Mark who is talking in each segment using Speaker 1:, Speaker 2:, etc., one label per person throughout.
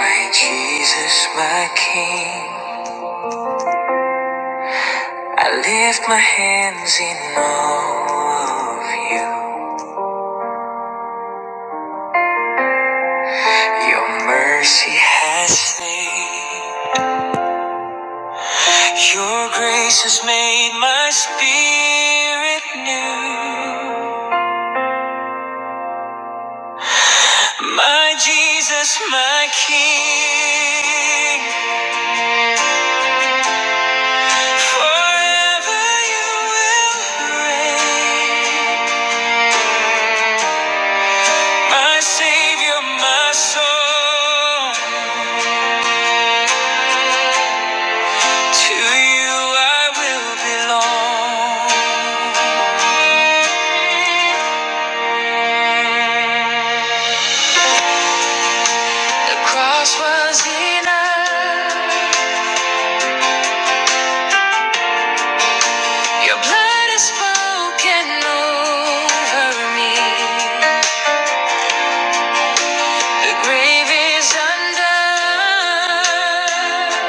Speaker 1: My Jesus, my King, I lift my hands in awe of you. Your mercy has saved, your grace has made my spirit new. My Jesus, my King, forever you will reign. My Savior, my soul. To you I will belong. The cross was enough. Your blood is spoken over me. The grave is undone.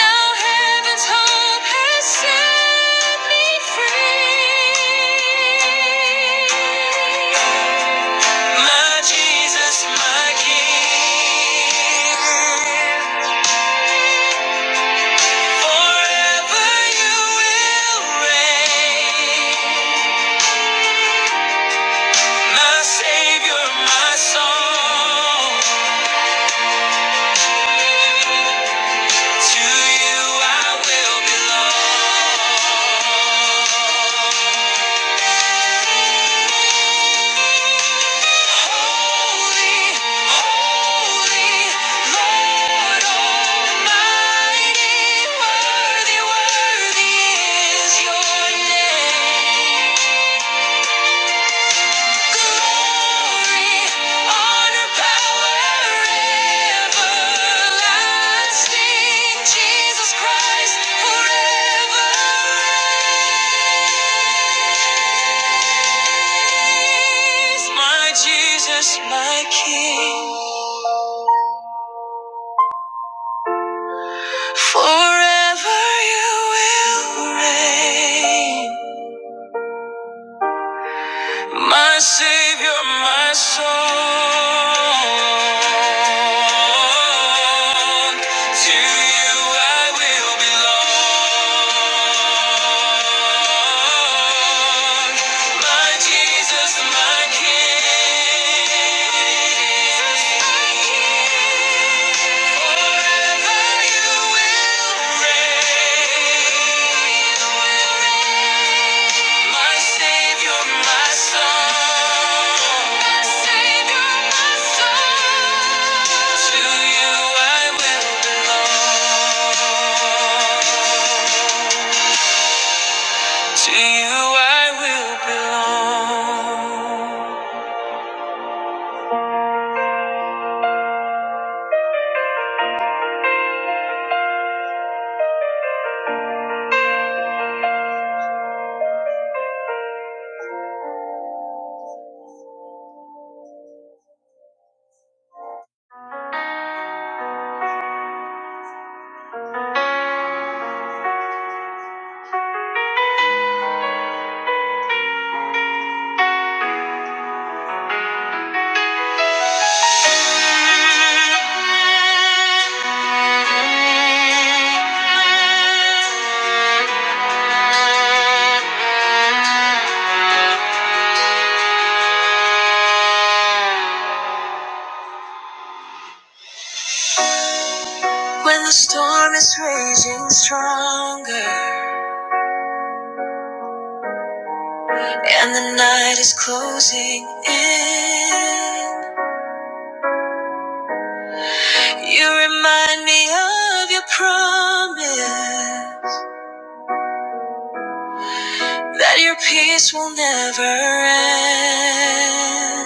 Speaker 1: Now heaven's hope has set me free. My Jesus, my King, forever you will reign. My Savior, my song, to you I will belong. Holy, holy, Lord Almighty, worthy, worthy is your name. Glory, honor, power, everlasting. Jesus Christ forever reigns. My Jesus, my King, forever you will reign. My Savior, my soul. To you I will belong. My Jesus, my King. Forever you will reign. My Savior, my soul. To you I will belong. To you I will belong. When the storm is raging stronger and the night is closing in, you remind me of your promise. That your peace will never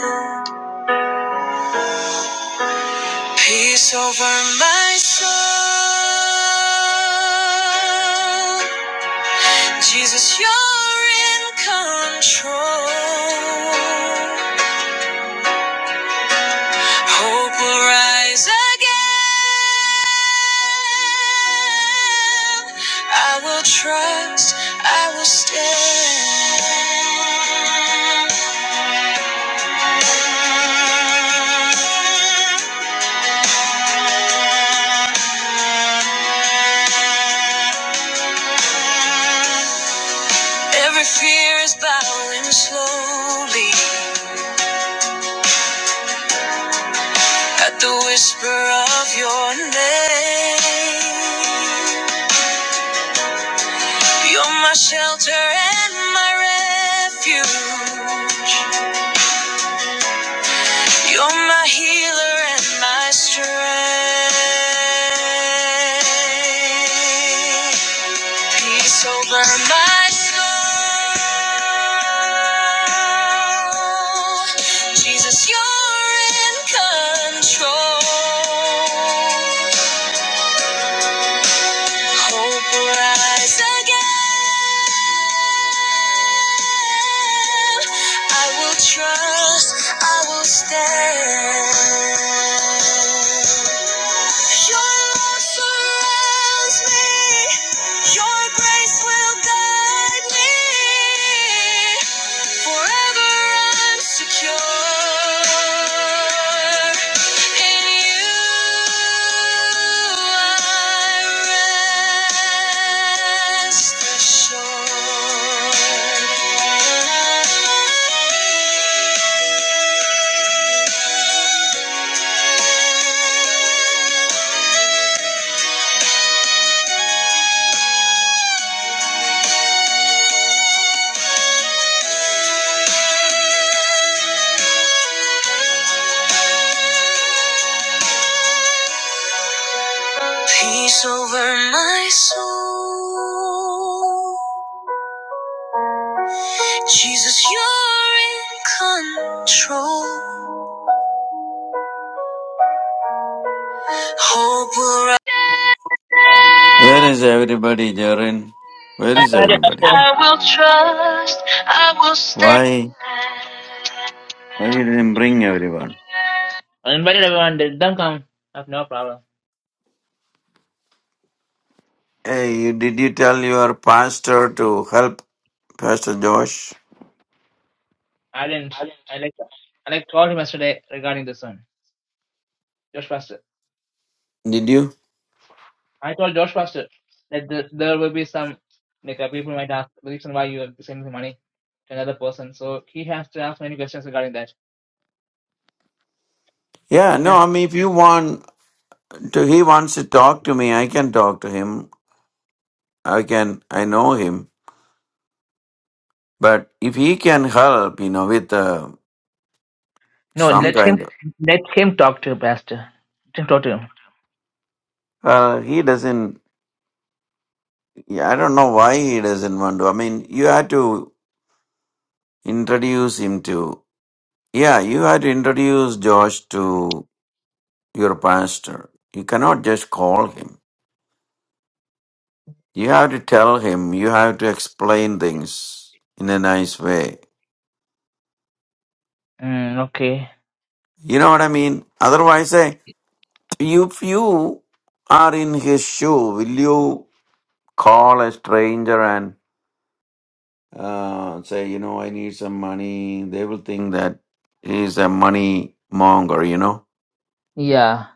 Speaker 1: end. Peace over my soul. Jesus, you're in control. Hope will rise again. I will trust, I will stand. Every fear is bowing slowly. At the whisper of your name, you're my shelter and my refuge. You're my healer and my strength. Peace over my soul. Jesus, you're in control. hope will rise again. I will trust, I will stand. Your love surrounds me, Your grace will guide me. Forever I'm secure. In you I rest assured. Peace over my soul. Jesus, you're in control. Hope will
Speaker 2: Where is everybody, Jorin? Where is everybody?
Speaker 1: rise. I will stay.
Speaker 2: Why? Why you didn't bring everyone?
Speaker 1: I invited everyone. They don't come. I have no problem.
Speaker 2: Hey, you, did you tell your pastor to help Pastor Josh?
Speaker 1: I didn't. I like. I like told him yesterday regarding this one. Josh Pastor.
Speaker 2: Did you?
Speaker 1: I told Josh Pastor that the, there will be some like uh, people might ask the reason why you are sending the money to another person. So he has to ask many questions regarding that.
Speaker 2: Yeah, no.
Speaker 1: Yes.
Speaker 2: I mean, if you want to, he wants to talk to me. I can talk to him. I can. I know him. But if he can help, you know, with uh,
Speaker 1: No,
Speaker 2: some
Speaker 1: let
Speaker 2: kind
Speaker 1: him.
Speaker 2: of,
Speaker 1: Let him talk to Pastor. Let him talk to him.
Speaker 2: uh, he doesn't. Yeah, I don't know why he doesn't want to. I mean, you had to introduce him to. Yeah, you had introduced Josh to your pastor. You cannot just call him. You have to tell him. You have to explain things in a nice way.
Speaker 1: Mm, okay.
Speaker 2: You know what I mean? Otherwise, eh, if you are in his shoe, will you call a stranger and uh, say, you know, I need some money? They will think that he's a money monger, you know?
Speaker 1: Yeah,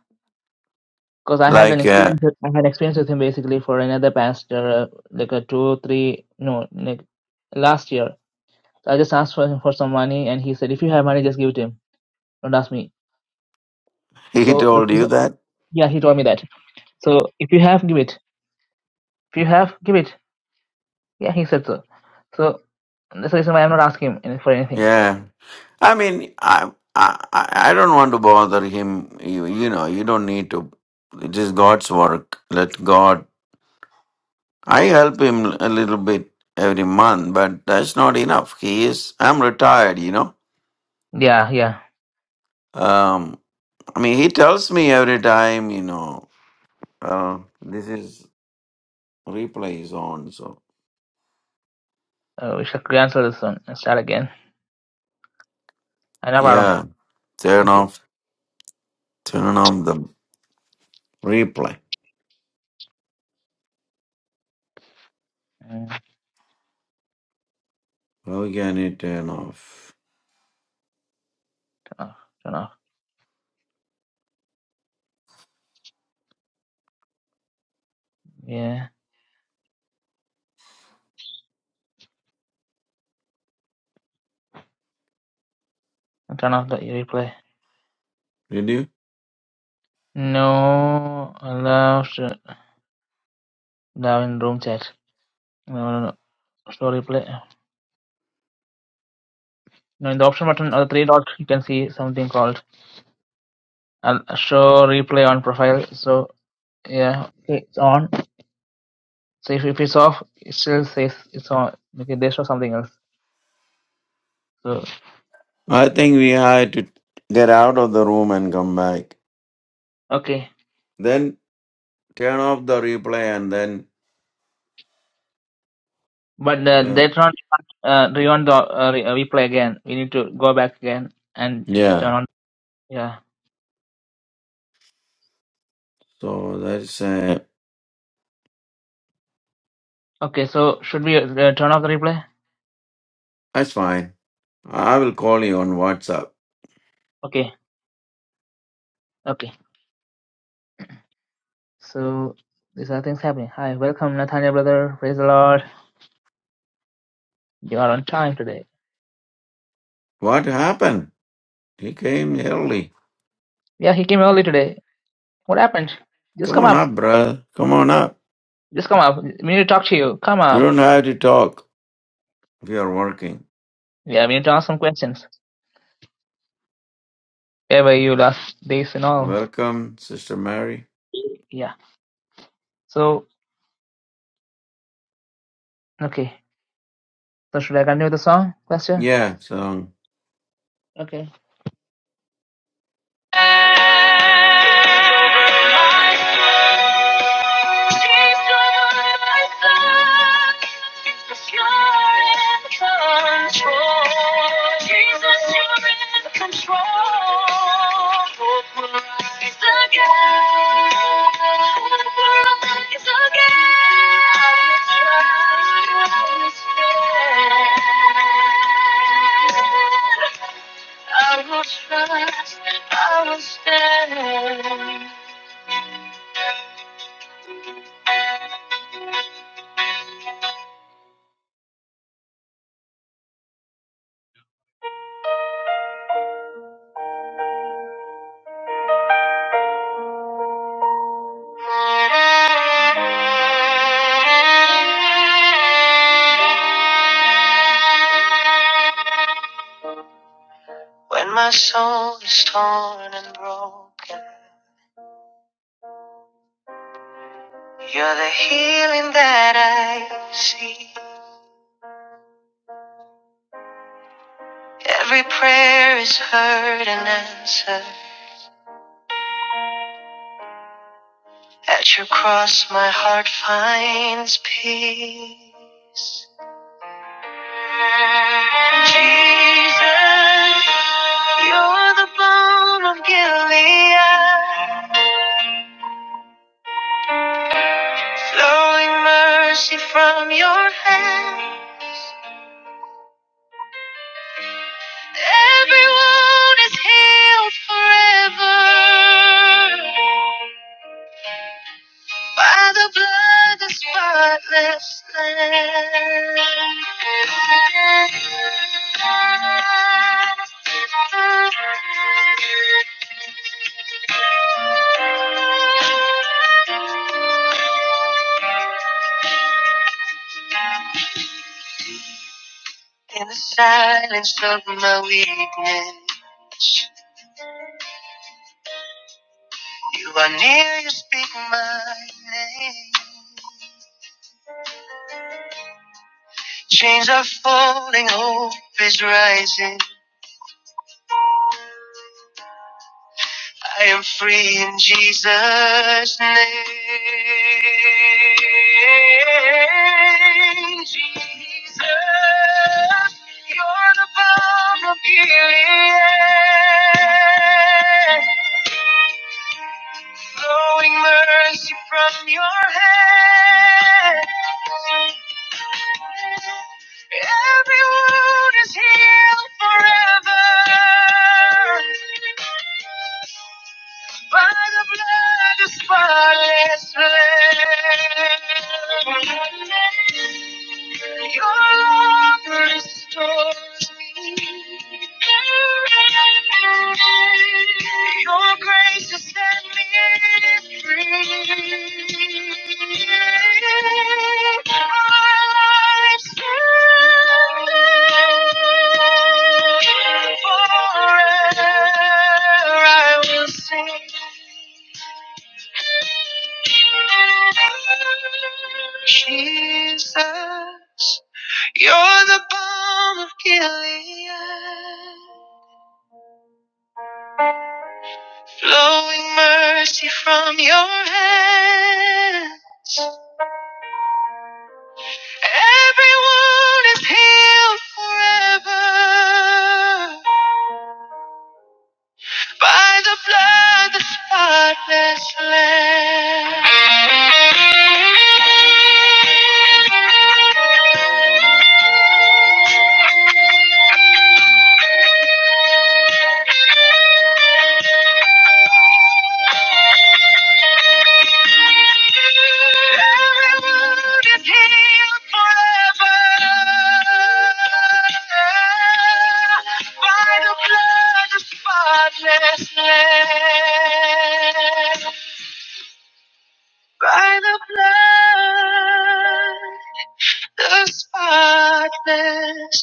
Speaker 1: because I had an
Speaker 2: Like uh,
Speaker 1: experience. with- I had experience with him basically for another pastor, uh, like a two, three, no, like last year. So I just asked for him for some money, and he said, "If you have money, just give it to him. Don't ask me."
Speaker 2: he
Speaker 1: So the,
Speaker 2: told you
Speaker 1: person-
Speaker 2: that?
Speaker 1: yeah, he told me that. So if you have, give it. If you have, give it. Yeah, he said so. So that's the reason why I'm not asking him any- for anything.
Speaker 2: Yeah. I mean, I, I, I I don't want to bother him. You, you know, you don't need to. It is God's work. Let God. I help him a little bit every month, but that's not enough. He is. I'm retired. You know.
Speaker 1: Yeah, yeah.
Speaker 2: Um. I mean, he tells me every time. You know. Uh, this is replay is on. So
Speaker 1: Uh, we should cancel this one and start again. I know, Adam.
Speaker 2: yeah, turn
Speaker 1: Okay.
Speaker 2: off. Turn off the replay.
Speaker 1: And
Speaker 2: How can you turn off?
Speaker 1: turn off. Turn off. Yeah. And turn off the replay.
Speaker 2: Did you?
Speaker 1: No allows uh, now in room chat. No, no, no. Show replay. No, in the option button or the three dots, you can see something called uh, show replay on profile. So yeah, okay, it's on. So if, if it's off, it still says it's on. Okay, they show something else. So
Speaker 2: I think we had to get out of the room and come back.
Speaker 1: okay,
Speaker 2: Then turn off the replay and then.
Speaker 1: but uh,
Speaker 2: Uh,
Speaker 1: later on, uh, do you want the uh, re- uh, replay again? We need to go back again and turn
Speaker 2: yeah.
Speaker 1: on. Yeah.
Speaker 2: So that's uh,
Speaker 1: Okay. So should we uh, turn off the replay?
Speaker 2: that's fine. I will call you on WhatsApp.
Speaker 1: Okay. Okay. So these are things happening. Hi, welcome Nathaniel brother. Praise the Lord. You are on time today.
Speaker 2: What happened? He came early.
Speaker 1: Yeah, he came early today. What happened? Just
Speaker 2: Come
Speaker 1: come
Speaker 2: on
Speaker 1: up.
Speaker 2: up, brother. Come on up.
Speaker 1: Just come up. We need to talk to you. Come
Speaker 2: You
Speaker 1: up.
Speaker 2: don't have to talk. We are working.
Speaker 1: Yeah, we need to ask some questions. Yeah, Where were you last days and all?
Speaker 2: Welcome, Sister Mary.
Speaker 1: Yeah. So okay. So should I continue with the song? Question?
Speaker 2: Yeah. So
Speaker 1: Okay. Again. I will trust, I will stand. When my soul is torn and broken, you're the healing that I see. Every prayer is heard and answered. At your cross, my heart finds peace. Jesus, you're the balm of Gilead, flowing mercy from your hands. Every wound is healed forever. By the blood, of the spotless Lamb. In the silence of my weakness, you are near, you speak my name. Chains are falling, hope is rising. I am free in Jesus' name. Jesus, you're the balm of Gilead, flowing mercy from your head. Every wound is healed forever. By the blood, of spotless Lamb. Your love restores me. Your grace has set me free. Our lives I will sing. Jesus, you're the balm of Gilead. flowing mercy from your hand. Everyone is healed forever by the blood, the spotless Lamb. By the blood, the spotless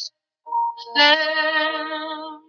Speaker 1: Lamb,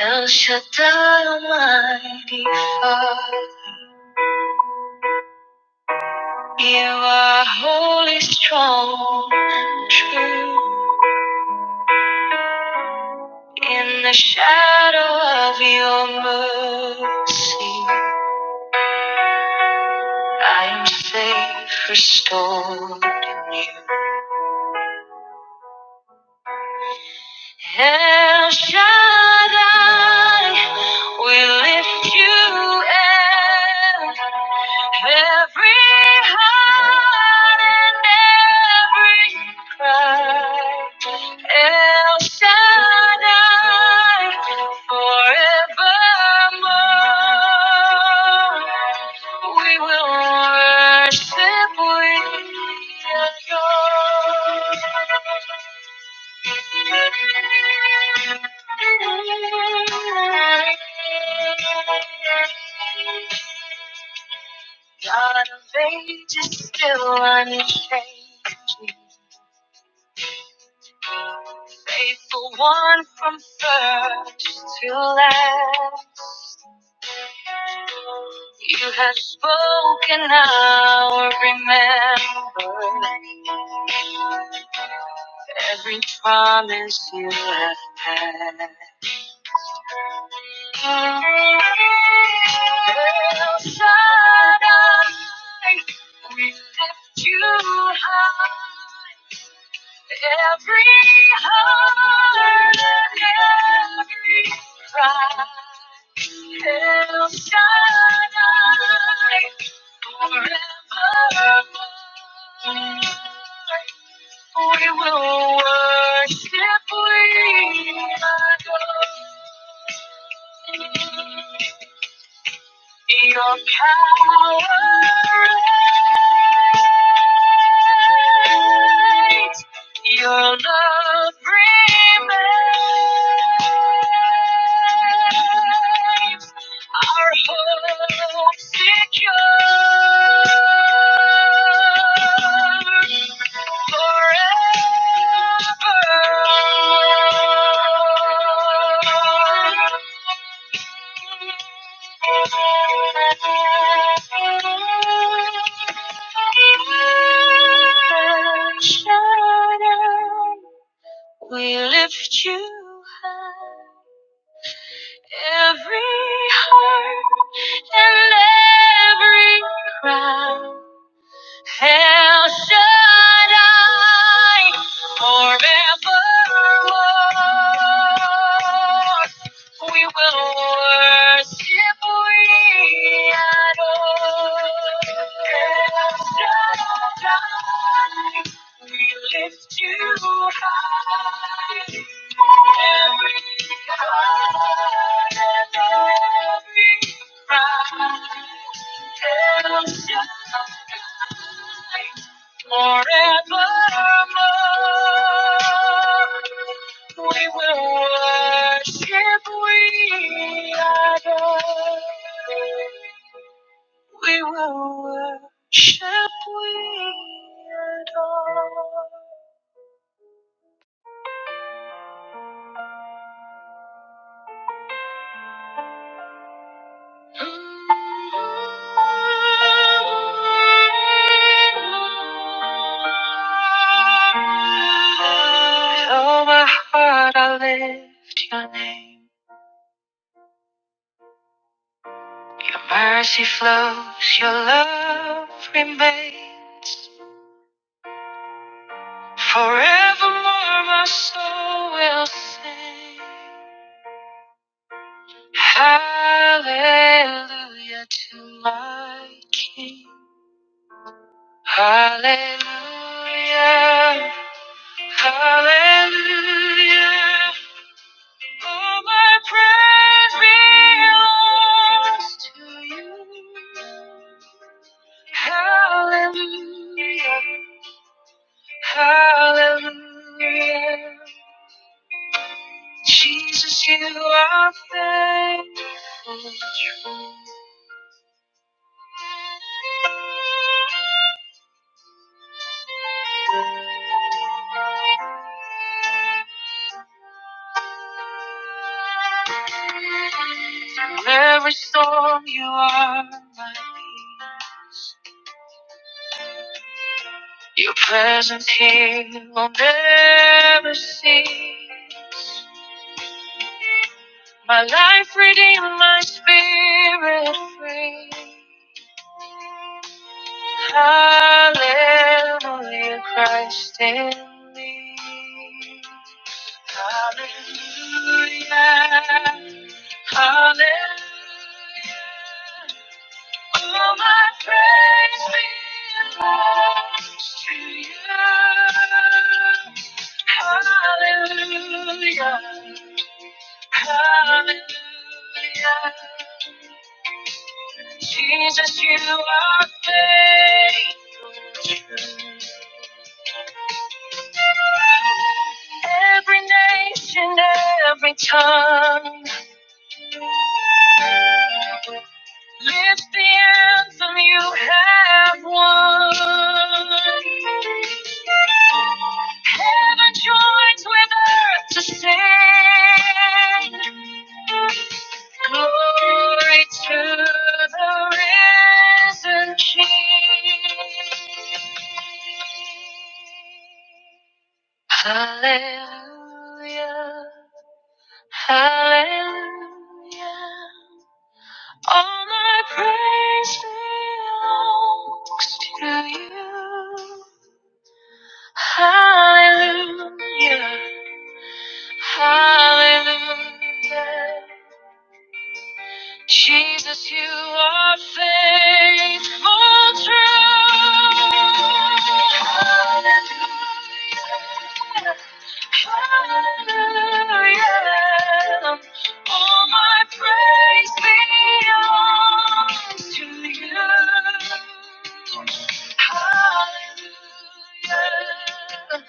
Speaker 1: El Shaddai, Almighty Father. You are holy, strong, true. In the shadow of your mercy, I am safe, restored in you. El Shaddai, we lift you up. Every heart and every cry. El Shaddai, forevermore. We will worship, we adore. God of ages, still unchanging. Faithful one from first to last. You have spoken, I'll remember every promise you have had. El Shaddai, we lift you high. Every heart and every cry, El Shaddai, forevermore. We will worship, we adore. Your power reigns. Your love remains. Our hope secure forever. We lift you high, every heart and every crown. El Shaddai forevermore. We will worship, we adore. Adonai, We lift you high. Every heart and every cry. El Shaddai, Forevermore, we will worship, we adore. We will worship, we adore. With all my heart, I lift your name. Mercy flows, your love remains. Forevermore, my soul will sing. Hallelujah to my King. Hallelujah, hallelujah. All my praise belongs to you. Hallelujah. Hallelujah. Jesus, you are faithful and true. Through every storm, you are my peace. Your presence here will never cease. My life redeemed, my spirit free. Hallelujah, Christ in me. Hallelujah, hallelujah, Will my praise belongs to you? Hallelujah. Hallelujah. Jesus, you are faithful. Every nation, every tongue. Lift the anthem you have won. Heaven joins with earth to sing. Glory to the risen King. Hallelujah. Hallelujah. All my praise belongs to you. Hallelujah. Hallelujah. Jesus, you are faithful, true. Hallelujah. Hallelujah. All my praise belongs to you. Hallelujah.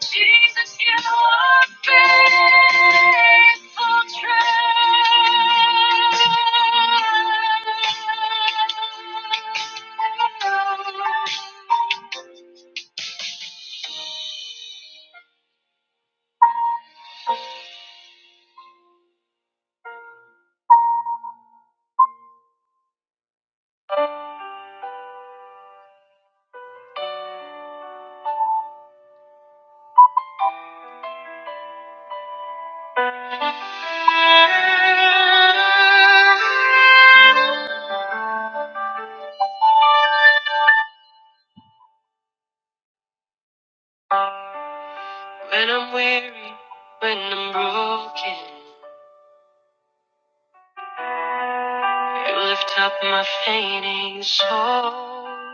Speaker 1: Jesus, you are faithful, true. When I'm weary, when I'm broken, you lift up my fainting soul.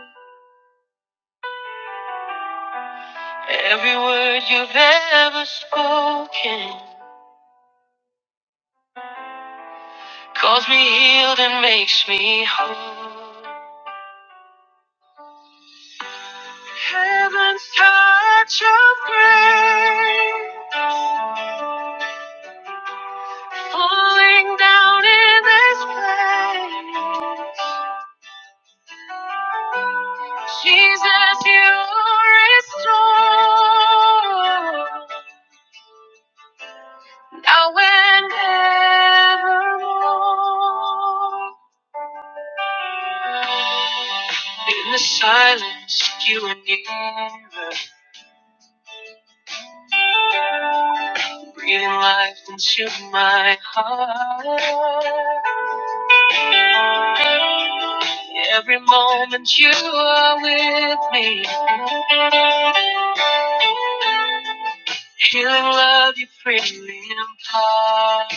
Speaker 1: Every word you've ever spoken calls me healed and makes me whole. Heaven's touch of grace falling down in this place. Jesus, you restore now and evermore. In the silence, you were nearer. Breathing life into my heart. Every moment you are with me. Healing love you freely impart.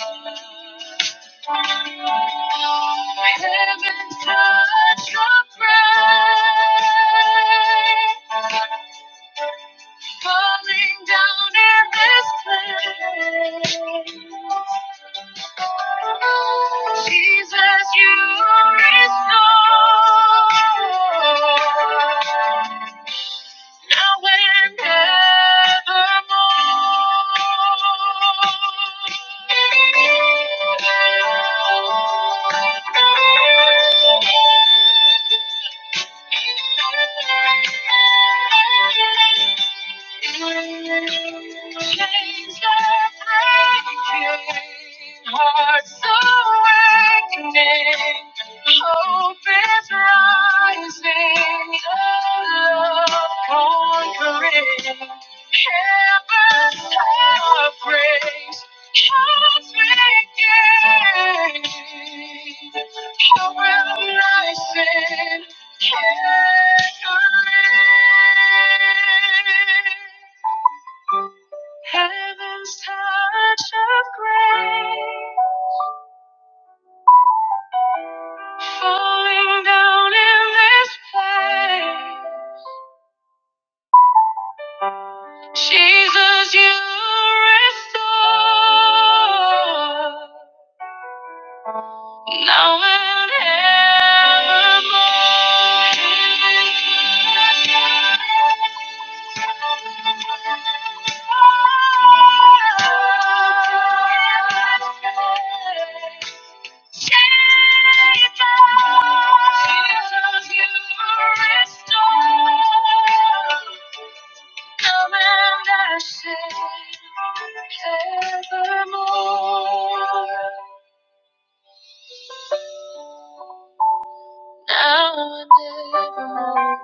Speaker 1: Heaven's touch your breath falling down in this place. Jesus, you restore now and evermore. Chains are breaking, hearts awakening. Hope is rising, love conquering. Heaven's power praise, hearts begin. Hope will rise in victory. Heaven's touch of grace. Falling down in this place. Jesus, you restore now and evermore. Jesus, you restore. Come and I say evermore. Now and evermore.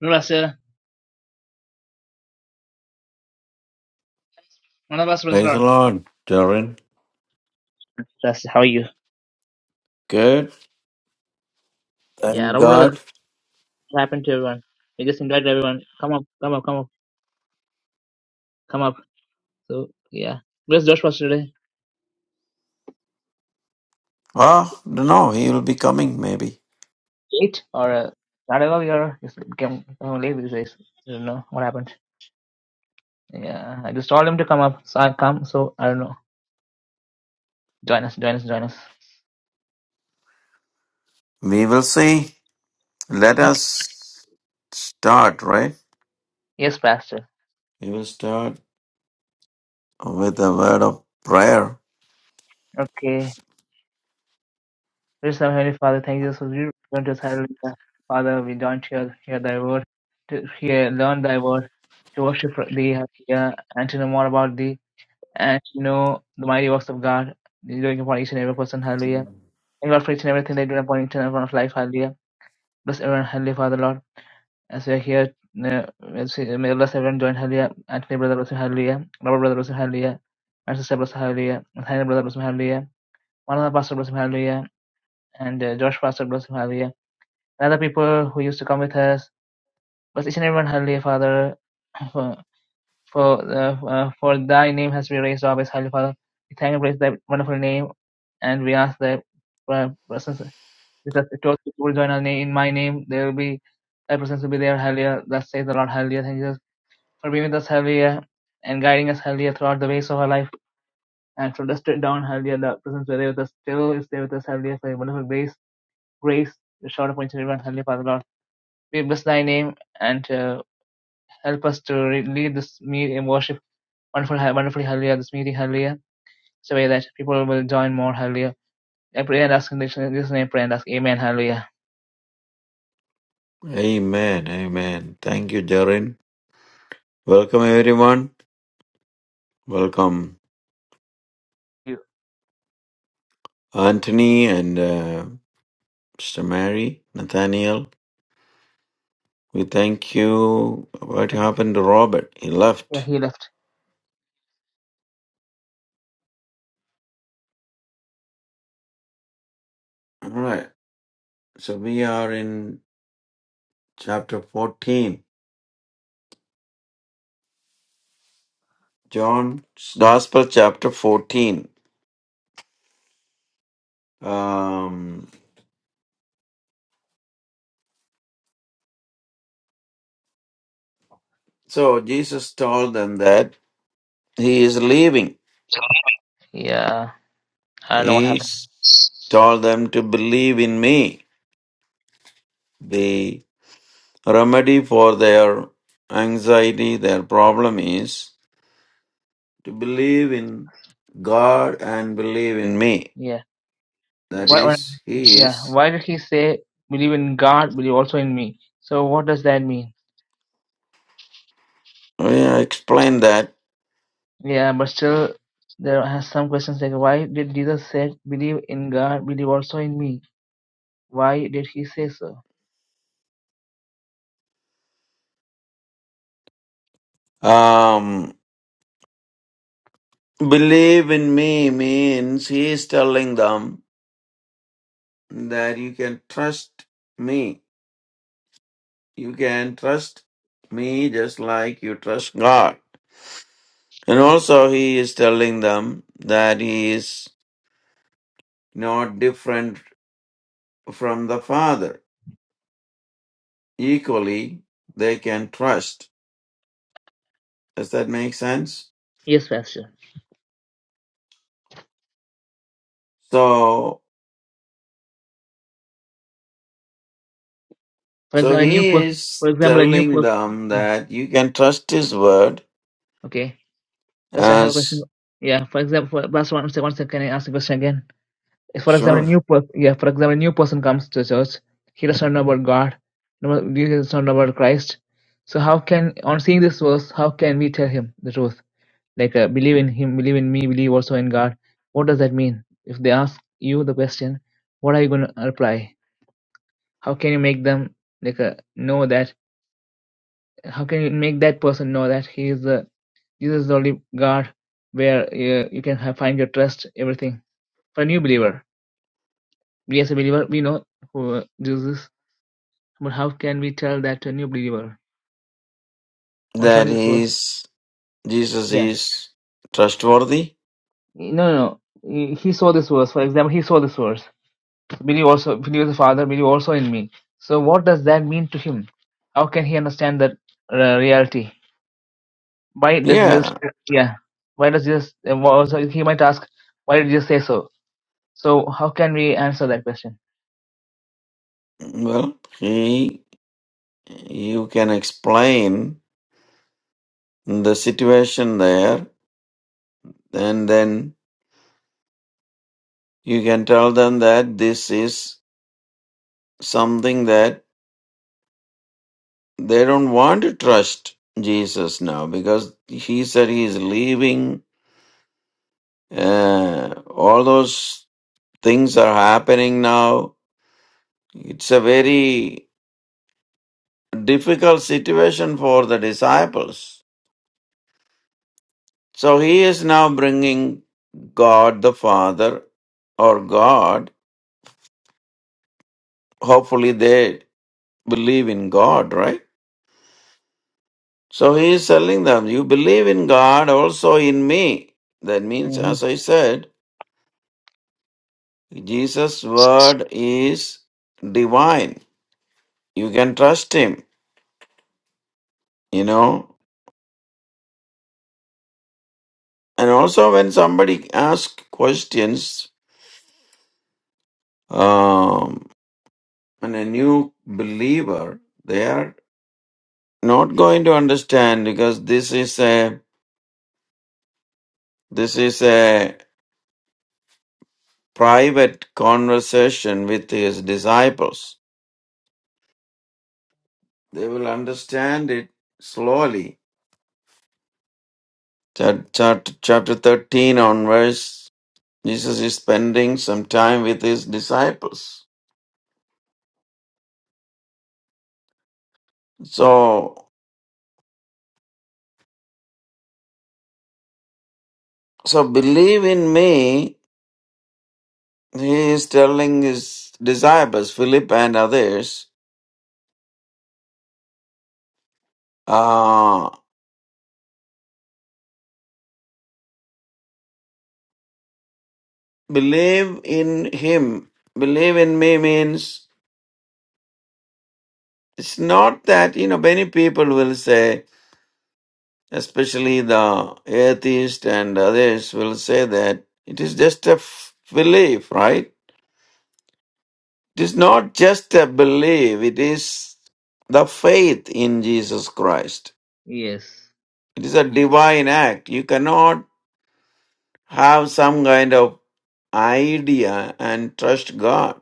Speaker 1: Brother, one of us,
Speaker 2: praise the
Speaker 1: brother.
Speaker 2: Lord, Darren.
Speaker 1: Brother, how are you?
Speaker 2: Good.
Speaker 1: Yeah, I
Speaker 2: Thank
Speaker 1: do brother.
Speaker 2: God.
Speaker 1: What happened to everyone? We just invite everyone. Come up, come up, come up, come up. So yeah, where's Josh was today?
Speaker 2: Well, don't know. He will be coming. Maybe
Speaker 1: Eight or uh, I don't know. came uh, late because I don't know what happened. Yeah, I just told him to come up, so I come. So I don't know. Join us, join us, join us.
Speaker 2: we will see. Let
Speaker 1: Okay.
Speaker 2: us start, right?
Speaker 1: Yes, Pastor.
Speaker 2: We will start with a word of prayer.
Speaker 1: Okay. Praise our Heavenly Father. Thank you so much. You Don't just hallelujah. Father, we don't hear hear Thy word to hear learn Thy word to worship Thee, hallelujah, and to know more about Thee and to know the mighty works of God. You're doing upon each and every person, hallelujah. And God for each and everything they do upon each and every one of life, hallelujah. Bless everyone, hallelujah, Father Lord. As we are here, uh, as we- may bless everyone join hallelujah. Anthony brother bless him, hallelujah. Robert brother bless him, hallelujah. My sister bless him, hallelujah. Nathaniel brother bless him, hallelujah. One other pastor bless him, hallelujah. And uh, Josh pastor bless him, hallelujah. And other people who used to come with us, bless each and everyone, hallelujah, Father. For for, uh, uh, for thy name has been raised always, hallelujah, Father. We thank and praise thy wonderful name, and we ask that. Because it was people join our name in my name, there will be thy presence will be there, hallelujah. Thus says the Lord, hallelujah. Thank you Jesus, for being with us, hallelujah, and guiding us, hallelujah, throughout the ways of our life. And from the straight down, hallelujah, the presence were there with us, still is there with us, hallelujah, for your wonderful grace, grace, the short upon each and everyone, hallelujah, Father Lord. We bless thy name and uh, help us to re- lead this meeting in worship wonderful, wonderfully hallelujah, this meeting, hallelujah. So way that people will join more, hallelujah. I pray and ask in this in this name, pray and ask, amen, hallelujah.
Speaker 2: Amen. Amen. Thank you, Jarin. Welcome, everyone. Welcome, Anthony and uh, Mr. Mary, Nathaniel. We thank you. What
Speaker 1: Thank You.
Speaker 2: happened to Robert? He
Speaker 1: Yeah,
Speaker 2: left.
Speaker 1: He left.
Speaker 2: All right. So we are in chapter 14, John's Gospel, chapter 14. Um, so Jesus told them that. He is leaving.
Speaker 1: Yeah, I don't know what
Speaker 2: He
Speaker 1: happened.
Speaker 2: s- told them to believe in me. The remedy for their anxiety, their problem is to believe in God and believe in me.
Speaker 1: Yeah,
Speaker 2: That
Speaker 1: why? why
Speaker 2: is, He
Speaker 1: yeah,
Speaker 2: is.
Speaker 1: why did he say believe in God, believe also in me? So what does that mean?
Speaker 2: I explained that.
Speaker 1: Yeah, but still, there are some questions like why did Jesus said believe in God, believe also in me? Why did he say so?
Speaker 2: Um, believe in me means He is telling them that you can trust me. You can trust me just like you trust God. And
Speaker 1: so
Speaker 2: also, he is telling them that he is not different from the Father. Equally, they can trust. Does that make sense?
Speaker 1: yes, Pastor.
Speaker 2: So,
Speaker 1: For
Speaker 2: so
Speaker 1: example, a new
Speaker 2: he
Speaker 1: per- for
Speaker 2: is
Speaker 1: example a new
Speaker 2: telling them
Speaker 1: person.
Speaker 2: that you can trust his word
Speaker 1: Okay, because I have a question.
Speaker 2: as
Speaker 1: Yeah, for example, for, Pastor, one sec, one sec. Can I ask a question again? If, for example, a
Speaker 2: sure
Speaker 1: new per- yeah, for example, a new person comes to church, he doesn't know about God, no- he doesn't know about Christ. So how can, on seeing this verse, how can we tell him the truth? Like uh, believe in him, believe in me, believe also in God. What does that mean? If they ask you the question, what are you going to reply? How can you make them like uh, know that? How can you make that person know that he is the Jesus is the only God, where uh, you can have, find your trust, everything. For a new believer, we as a believer, we know who uh, Jesus is But how can we tell that to a new believer? On
Speaker 2: that
Speaker 1: showing this verse,
Speaker 2: he's Jesus
Speaker 1: yeah.
Speaker 2: is trustworthy.
Speaker 1: No, no, no. He he saw this verse. For example, he saw this verse. Believe also, believe the Father, believe also in me. So, what does that mean to him? How can he understand that uh, reality? Why does Jesus?
Speaker 2: Yeah.
Speaker 1: Yeah. Why does Jesus? uh, wha- Also, he might ask, why did Jesus say so? So, how can we answer that question?
Speaker 2: Well, he you can explain the situation there and then You can tell them that this is something that they don't want to trust Jesus now because he said he is leaving. Uh, all those things are happening now. It's a very difficult situation for the disciples. So he is now bringing God the Father or God. Hopefully they believe in God, right? So he is telling them, You believe in God, also in me. That means,
Speaker 1: Mm-hmm.
Speaker 2: as I said, Jesus' word is divine. You can trust him, you know. And also, when somebody asks questions, um, and a new believer, they are not going to understand because this is a this is a private conversation with his disciples. They will understand it slowly Chap- chap- Chapter 13 onwards, Jesus is spending some time with his disciples. So, so believe in me, he is telling his disciples, Philip and others, uh, believe in him. Believe in me means it's not that, you know, many people will say, especially the atheist and others will say that it is just a f- belief, right? It is not just a belief, it is the faith in Jesus Christ.
Speaker 1: Yes.
Speaker 2: It is a divine act. You cannot have some kind of idea and trust God.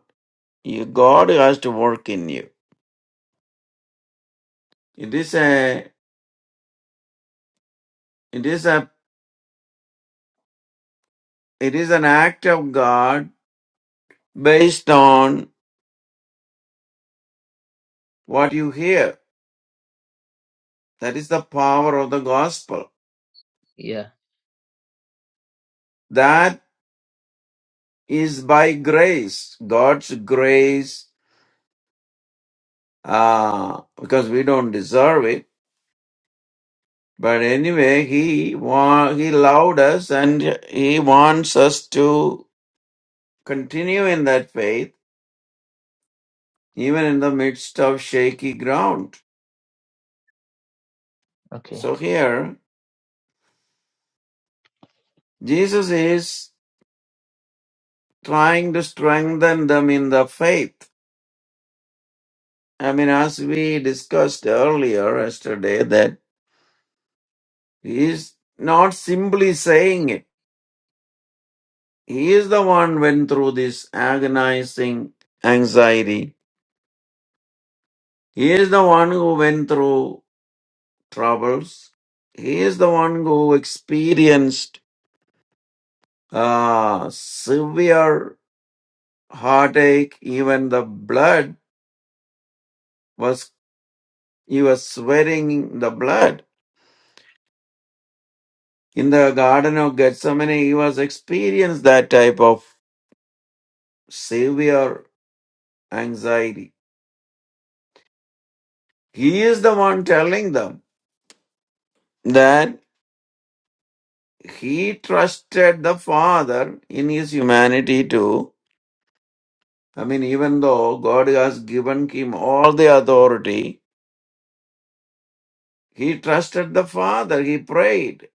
Speaker 2: You, God has to work in you. It is a it is a it is an act of God based on what you hear. That is the power of the gospel.
Speaker 1: Yeah.
Speaker 2: That is by grace, God's grace uh, because we don't deserve it. But anyway, he wa- he loved us and he wants us to continue in that faith, even in the midst of shaky ground.
Speaker 1: Okay.
Speaker 2: So here, Jesus is trying to strengthen them in the faith. I mean, as we discussed earlier yesterday, that he is not simply saying it. He is the one went through this agonizing anxiety He is the one who went through troubles. He is the one who experienced uh, severe heartache. Even the blood was, he was sweating the blood. In the Garden of Gethsemane, he was experienced that type of severe anxiety. He is the one telling them that he trusted the Father in his humanity too I mean, even though God has given him all the authority, he trusted the Father, he prayed,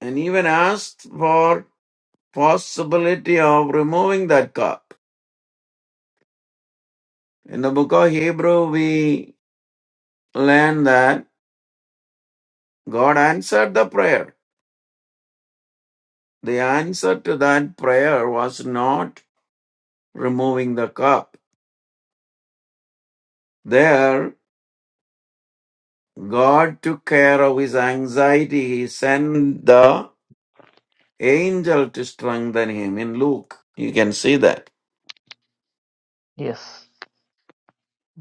Speaker 2: and even asked for possibility of removing that cup. In the book of Hebrew, we learn that God answered the prayer. The answer to that prayer was not removing the cup. There, God took care of his anxiety. He sent the angel to strengthen him. In Luke, you can see that.
Speaker 1: Yes.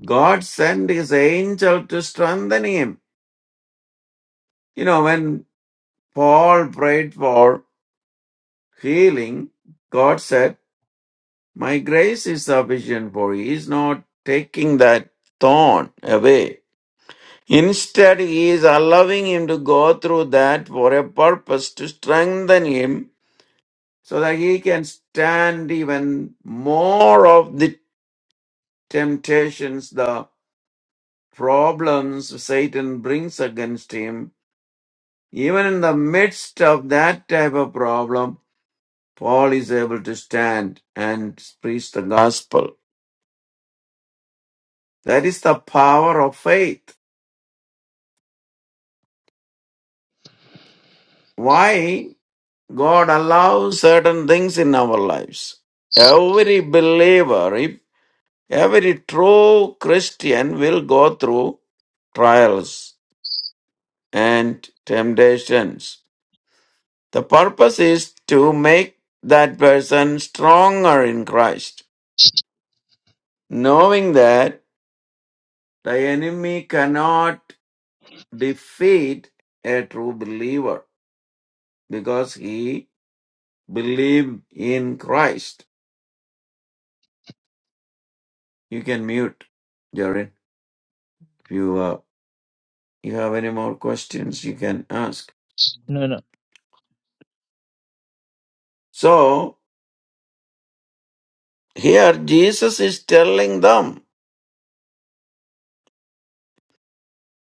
Speaker 2: God sent his angel to strengthen him. You know, when Paul prayed for healing, God said, My grace is sufficient for you. He is not taking that thorn away. Instead, he is allowing him to go through that for a purpose to strengthen him so that he can stand even more of the temptations, the problems Satan brings against him, even in the midst of that type of problem, Paul is able to stand and preach the gospel. That is the power of faith. Why God allows certain things in our lives. Every believer, if every true Christian will go through trials and temptations. The purpose is to make that person stronger in Christ, knowing that the enemy cannot defeat a true believer because he believed in Christ. You can mute, Jared. If you, uh, you have any more questions, you can ask.
Speaker 1: No, no.
Speaker 2: So, here Jesus is telling them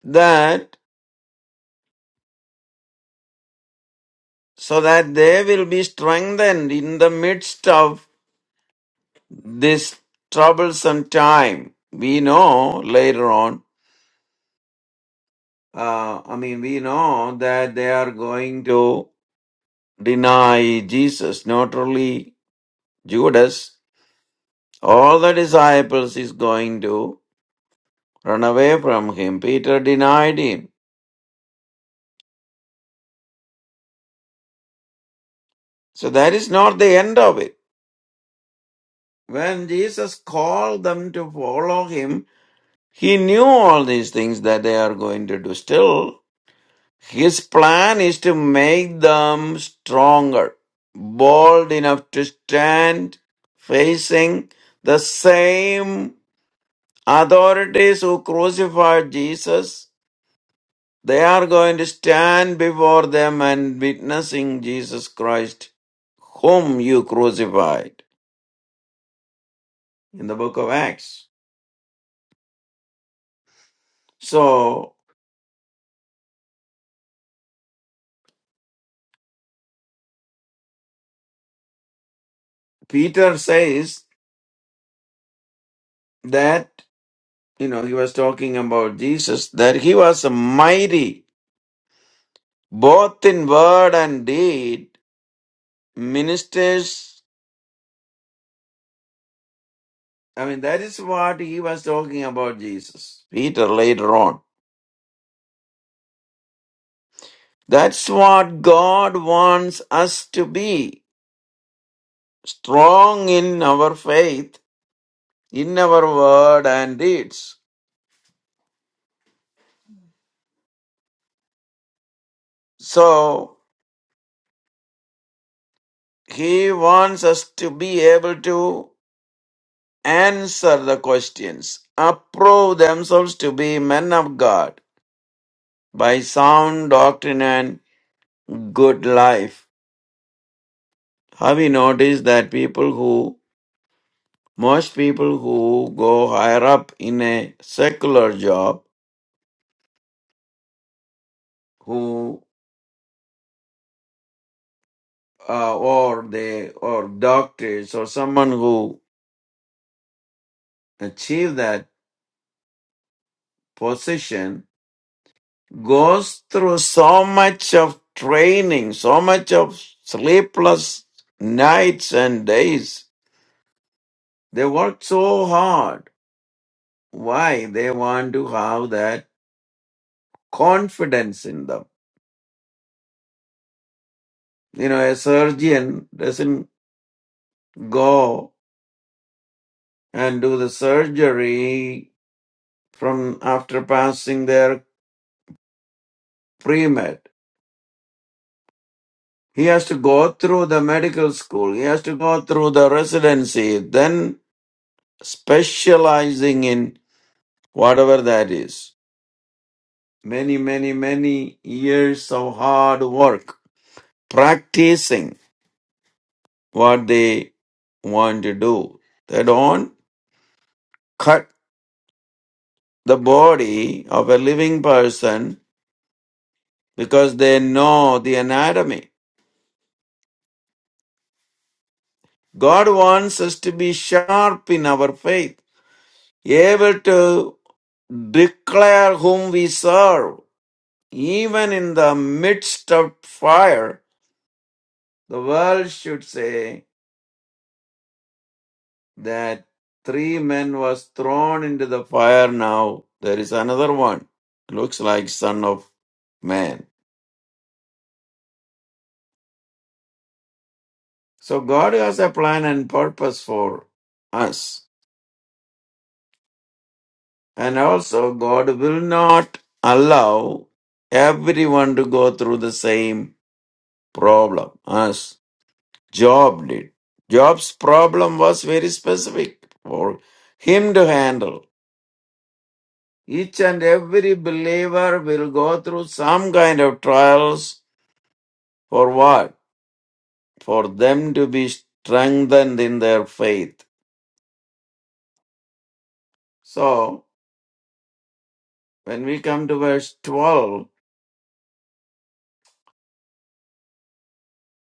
Speaker 2: that so that they will be strengthened in the midst of this troublesome time. We know later on, uh, I mean, we know that they are going to deny Jesus, not only Judas, all the disciples is going to run away from him. Peter denied him. So that is not the end of it. When Jesus called them to follow him, he knew all these things that they are going to do still His plan is to make them stronger, bold enough to stand facing the same authorities who crucified Jesus. They are going to stand before them and witnessing Jesus Christ, whom you crucified in the book of Acts. So Peter says that, you know, he was talking about Jesus, that he was a mighty both in word and deed, ministers. I mean, that is what he was talking about, Jesus, Peter later on. That's what God wants us to be strong in our faith, in our word and deeds. So, he wants us to be able to answer the questions, approve themselves to be men of God by sound doctrine and good life Have you noticed that people who, most people who go higher up in a secular job, who, uh, or they, or doctors, or someone who achieve that position goes through so much of training, so much of sleepless nights and days. They work so hard. Why? They want to have that confidence in them. You know, a surgeon doesn't go and do the surgery from after passing their pre-med. He has to go through the medical school. He has to go through the residency, then specializing in whatever that is. Many, many, many years of hard work, practicing what they want to do. They don't cut the body of a living person because they know the anatomy God wants us to be sharp in our faith, able to declare whom we serve. Even in the midst of fire, the world should say that three men was thrown into the fire now there is another one looks like son of man so god has a plan and purpose for us and also god will not allow everyone to go through the same problem as Job did. Job's problem was very specific for him to handle. Each and every believer will go through some kind of trials for what? For them to be strengthened in their faith. So, when we come to verse 12,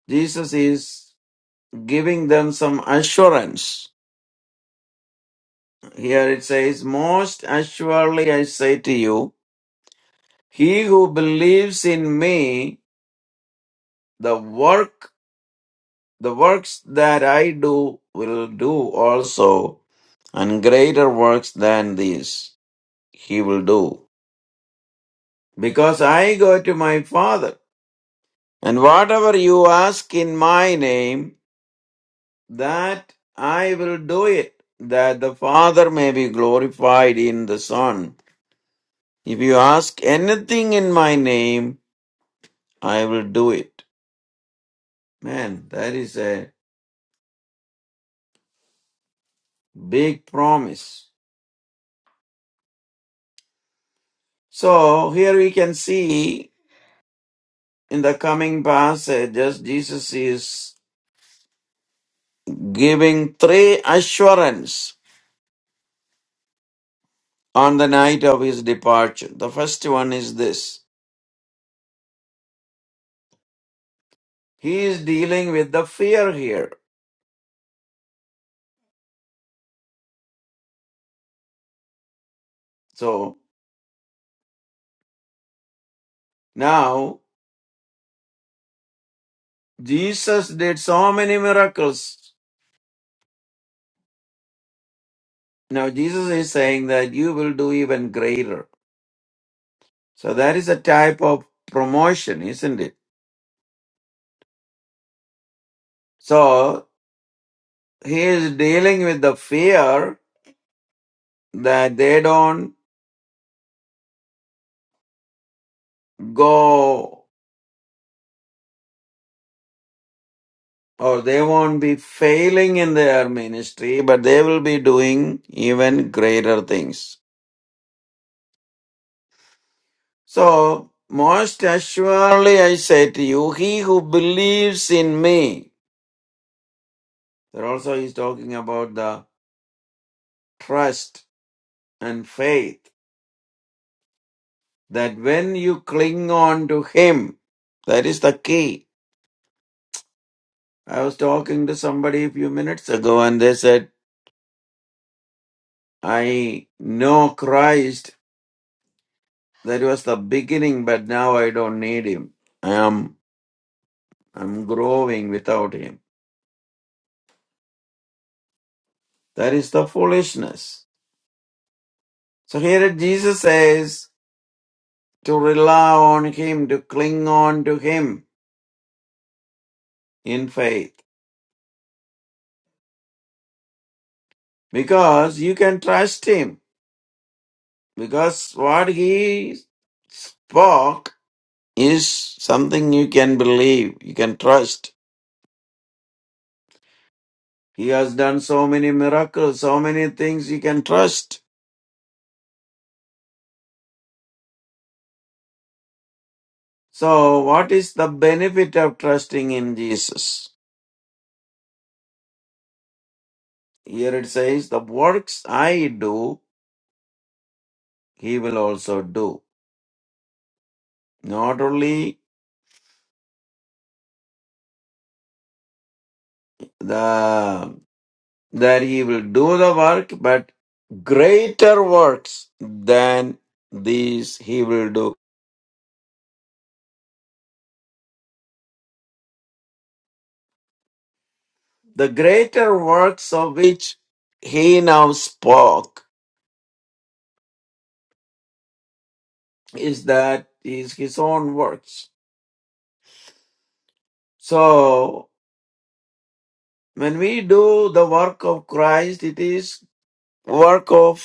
Speaker 2: Jesus is giving them some assurance. Here it says, Most assuredly I say to you, he who believes in me the work the works that I do will do also, and greater works than these he will do, because I go to my Father. And whatever you ask in my name, that I will do it, that the Father may be glorified in the Son. If you ask anything in my name, I will do it. Man, that is a big promise. So here we can see in the coming passages, Jesus is giving three assurance on the night of his departure. The first one is this. He is dealing with the fear here. So now Jesus did so many miracles. Now Jesus is saying that you will do even greater. So that is a type of promotion, isn't it? So he is dealing with the fear that they don't go or they won't be failing in their ministry, but they will be doing even greater things. So, most assuredly, I say to you, he who believes in me, there also is talking about the trust and faith that when you cling on to him, that is the key. I was talking to somebody a few minutes ago and they said, I know Christ. That was the beginning, but now I don't need him. I am." I'm growing without Him. That is the foolishness. So here Jesus says to rely on Him, to cling on to Him in faith, because you can trust Him, because what He spoke is something you can believe, you can trust. He has done so many miracles, so many things you can trust. So, what is the benefit of trusting in Jesus? Here it says, The works I do he will also do. Not only the that he will do the work, but greater works than these he will do. The greater works of which he now spoke is that is his own works. So when we do the work of Christ, it is work of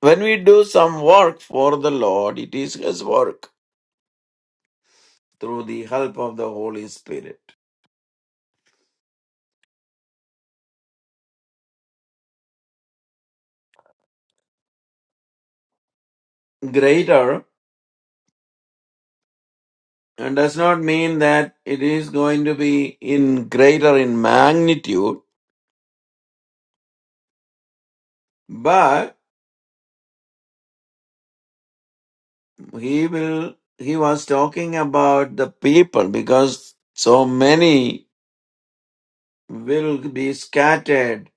Speaker 2: when we do some work for the Lord, it is his work through the help of the Holy Spirit. greater uh, does not mean that it is going to be in greater in magnitude but he will he was talking about the people because so many will be scattered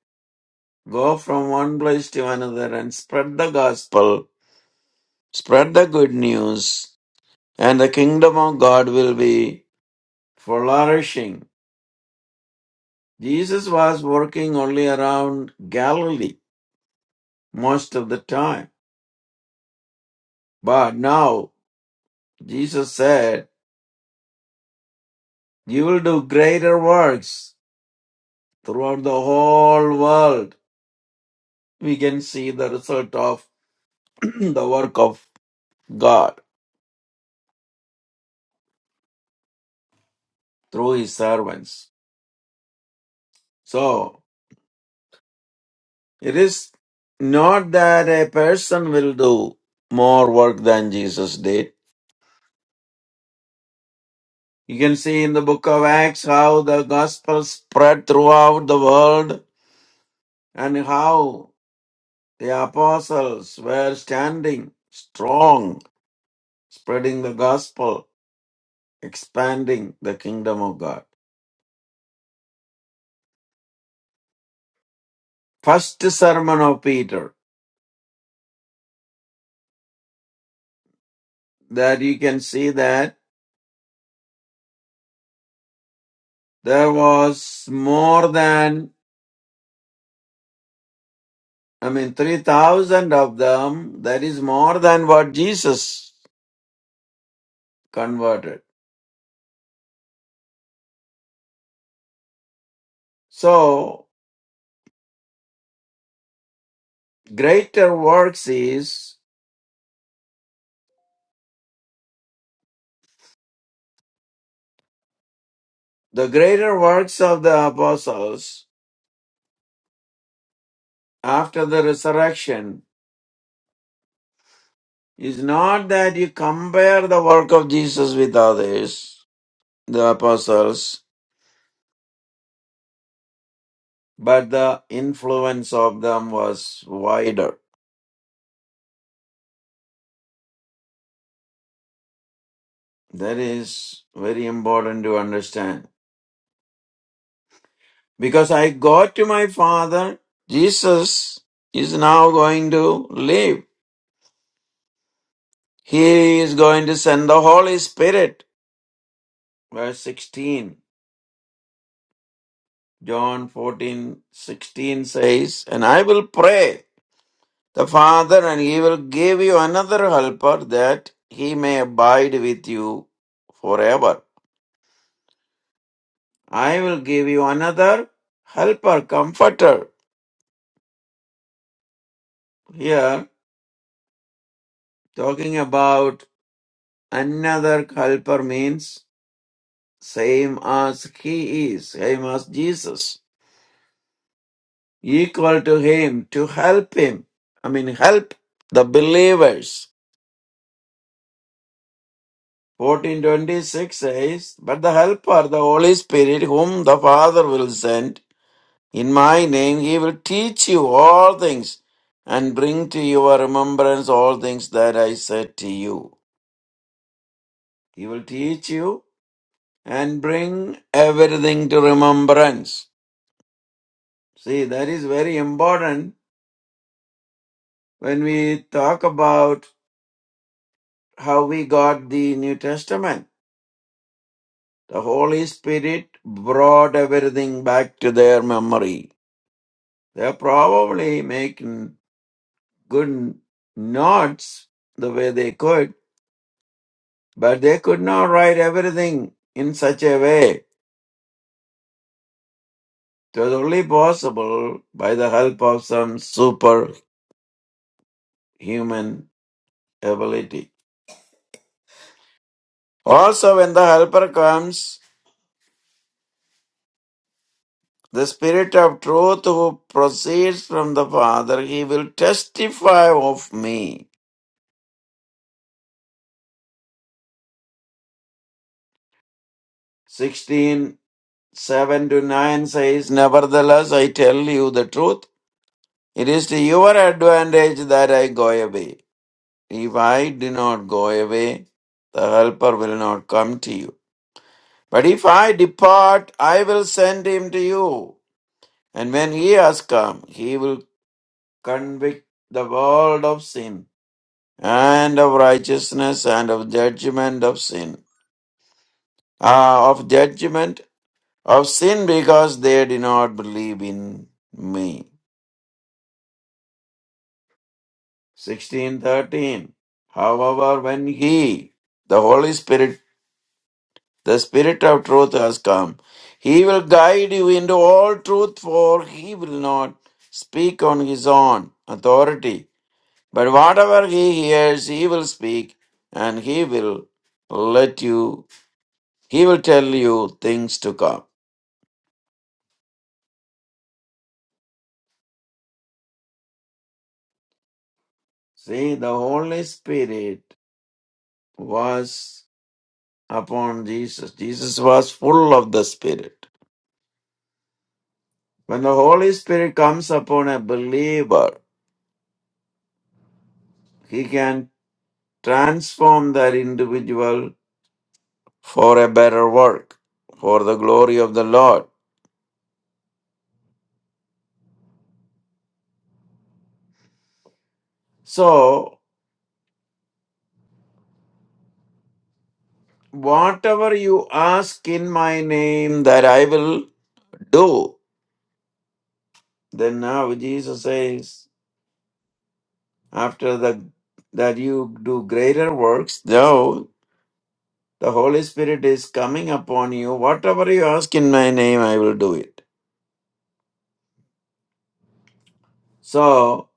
Speaker 2: go from one place to another and spread the gospel spread the good news and the kingdom of god will be flourishing jesus was working only around galilee most of the time But now Jesus said, You will do greater works throughout the whole world. We can see the result of the work of God through his servants. So it is not that a person will do more work than Jesus did. You can see in the book of Acts how the gospel spread throughout the world and how the apostles were standing strong spreading the gospel, expanding the kingdom of God. First sermon of Peter, that you can see that there was more than, I mean, 3,000 of them. That is more than what Jesus converted. So, greater works is the greater works of the apostles after the resurrection is not that you compare the work of Jesus with others, the apostles, but the influence of them was wider. That is very important to understand. Because I go to my Father, Jesus is now going to live. He is going to send the Holy Spirit. Verse 16, John 14 16 says, And I will pray the Father, and he will give you another helper that he may abide with you forever I will give you another helper, comforter. Here, talking about another helper means same as he is, same as Jesus, equal to him to help him. I mean, help the believers. 1426 says, But the helper, the Holy Spirit, whom the Father will send in my name, he will teach you all things and bring to your remembrance all things that I said to you. He will teach you and bring everything to remembrance. See, that is very important when we talk about how we got the New Testament. The Holy Spirit brought everything back to their memory. They're probably making good notes the way they could, but they could not write everything in such a way. It was only possible by the help of some superhuman ability. Also, when the Helper comes, the Spirit of truth who proceeds from the Father, he will testify of me. Sixteen seven to 9 says, Nevertheless, I tell you the truth. It is to your advantage that I go away. If I do not go away, the Helper will not come to you. But if I depart, I will send him to you. And when he has come, he will convict the world of sin and of righteousness and of judgment of sin Ah, of judgment of sin because they do not believe in me 1613 however when he the holy spirit the spirit of truth has come he will guide you into all truth for he will not speak on his own authority But whatever he hears, he will speak, and he will let you, he will tell you things to come. See, the Holy Spirit was upon Jesus. Jesus was full of the Spirit. When the Holy Spirit comes upon a believer, he can transform that individual for a better work, for the glory of the Lord. So, whatever you ask in my name, that I will Do. Then now Jesus says, after the, that you do greater works, though the Holy Spirit is coming upon you, whatever you ask in my name, I will do it. So,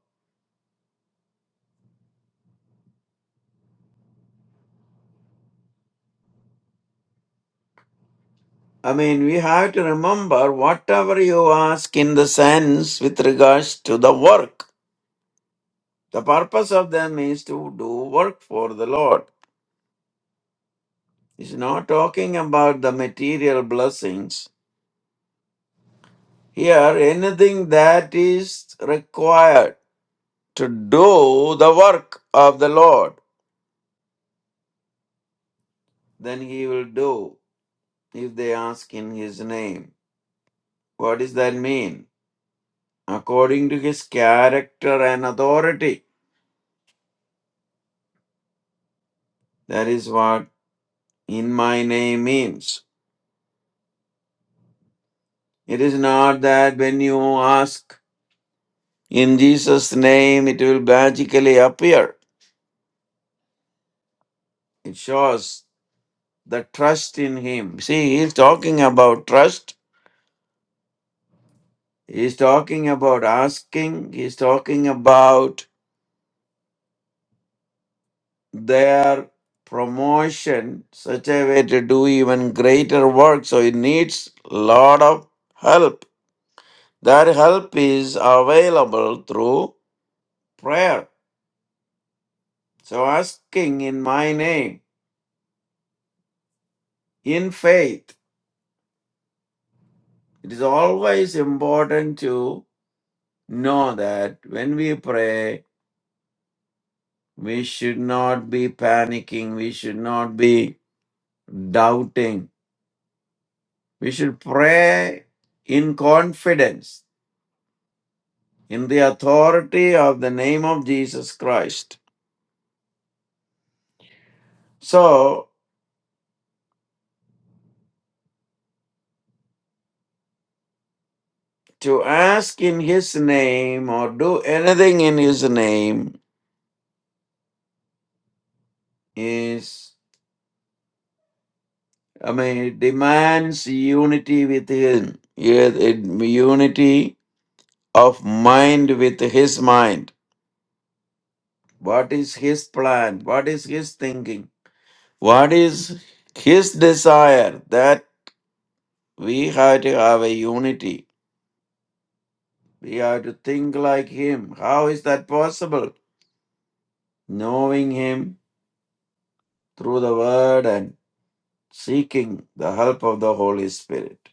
Speaker 2: I mean, we have to remember whatever you ask in the sense with regards to the work. The purpose of them is to do work for the Lord. It's not talking about the material blessings. Here, anything that is required to do the work of the Lord. Then he will do if they ask in his name. What does that mean? According to his character and authority. That is what in my name means. It is not that when you ask in Jesus' name, it will magically appear. It shows the trust in him. See, he's talking about trust. He's talking about asking. He's talking about their promotion such a way to do even greater work so it needs lot of help that help is available through prayer so asking in my name in faith it is always important to know that when we pray we should not be panicking we should not be doubting we should pray in confidence in the authority of the name of Jesus Christ. So, to ask in His name or do anything in His name is, I mean, it demands unity with Him, Yes, it- unity of mind with His mind. What is His plan? What is His thinking? What is His desire? That we have to have a unity. We have to think like Him. How is that possible? knowing Him through the Word and seeking the help of the Holy Spirit.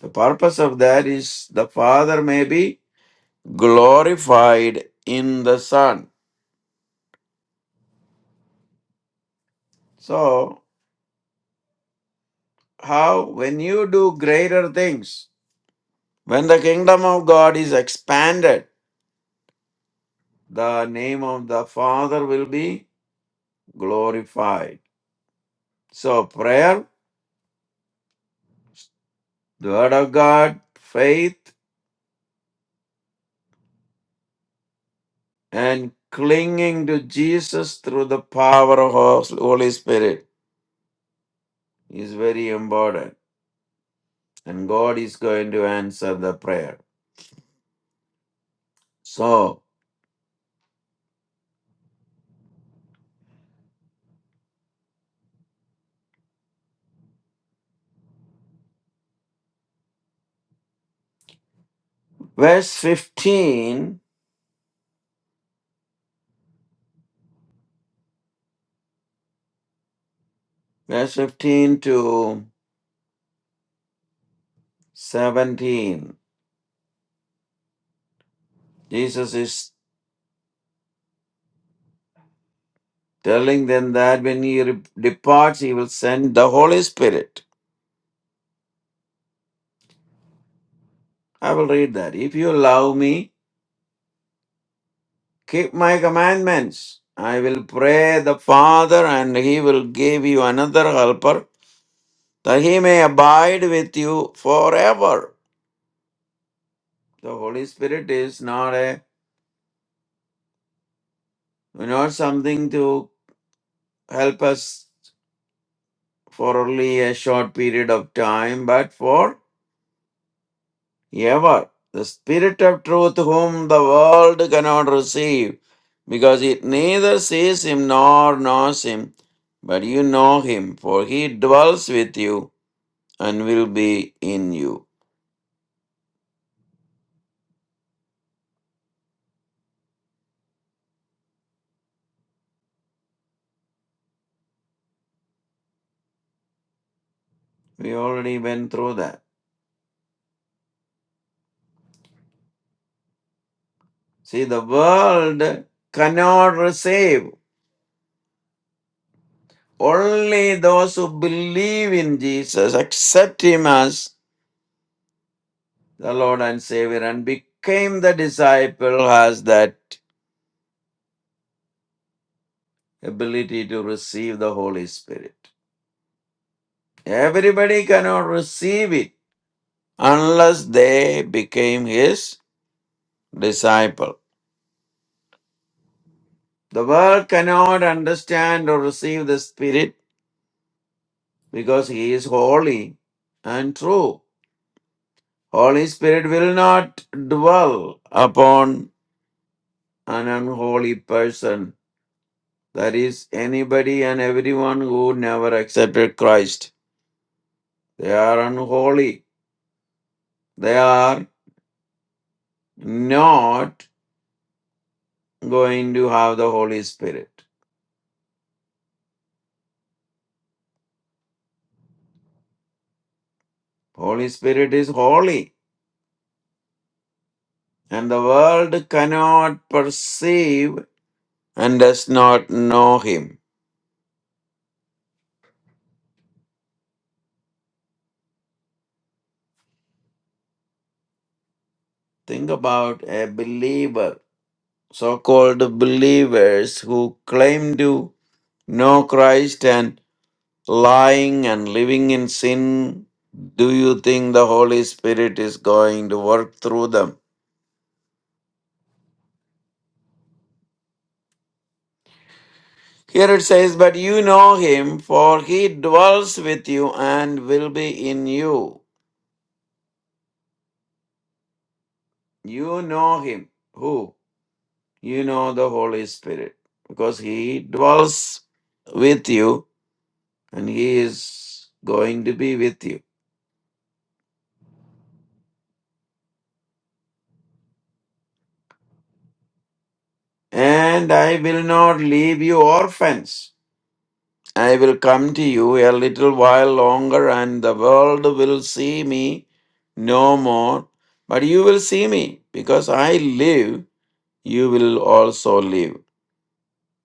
Speaker 2: The purpose of that is the Father may be glorified in the Son. So, how, when you do greater things, when the kingdom of God is expanded, the name of the Father will be glorified. So, prayer, the Word of God, faith, and clinging to Jesus through the power of Hos- Holy Spirit is very important. And God is going to answer the prayer. So, verse 15, verse 15 to 17, Jesus is telling them that when he re- departs, he will send the Holy Spirit. I will read that. If you love me, keep my commandments. I will pray the Father, and he will give you another helper that he may abide with you forever. The Holy Spirit is not a not something to help us for only a short period of time, but for ever. The Spirit of truth whom the world cannot receive, because it neither sees him nor knows him, but you know him, for he dwells with you and will be in you. We already went through that. See, the world cannot receive. Only those who believe in Jesus, accept him as the Lord and Savior, and became the disciple has that ability to receive the Holy Spirit. Everybody cannot receive it unless they became his disciple. The world cannot understand or receive the Spirit because he is holy and true. Holy Spirit will not dwell upon an unholy person That is, anybody and everyone who never accepted Christ. They are unholy. They are not going to have the Holy Spirit. Holy Spirit is holy, and the world cannot perceive and does not know Him. Think about a believer, so called believers who claim to know Christ and lying and living in sin, do you think the Holy Spirit is going to work through them? Here it says, But you know him, for he dwells with you and will be in you. You know him. Who? You know the Holy Spirit, because he dwells with you and he is going to be with you. And I will not leave you orphans. I will come to you a little while longer, and the world will see me no more. But you will see me, because I live, you will also live.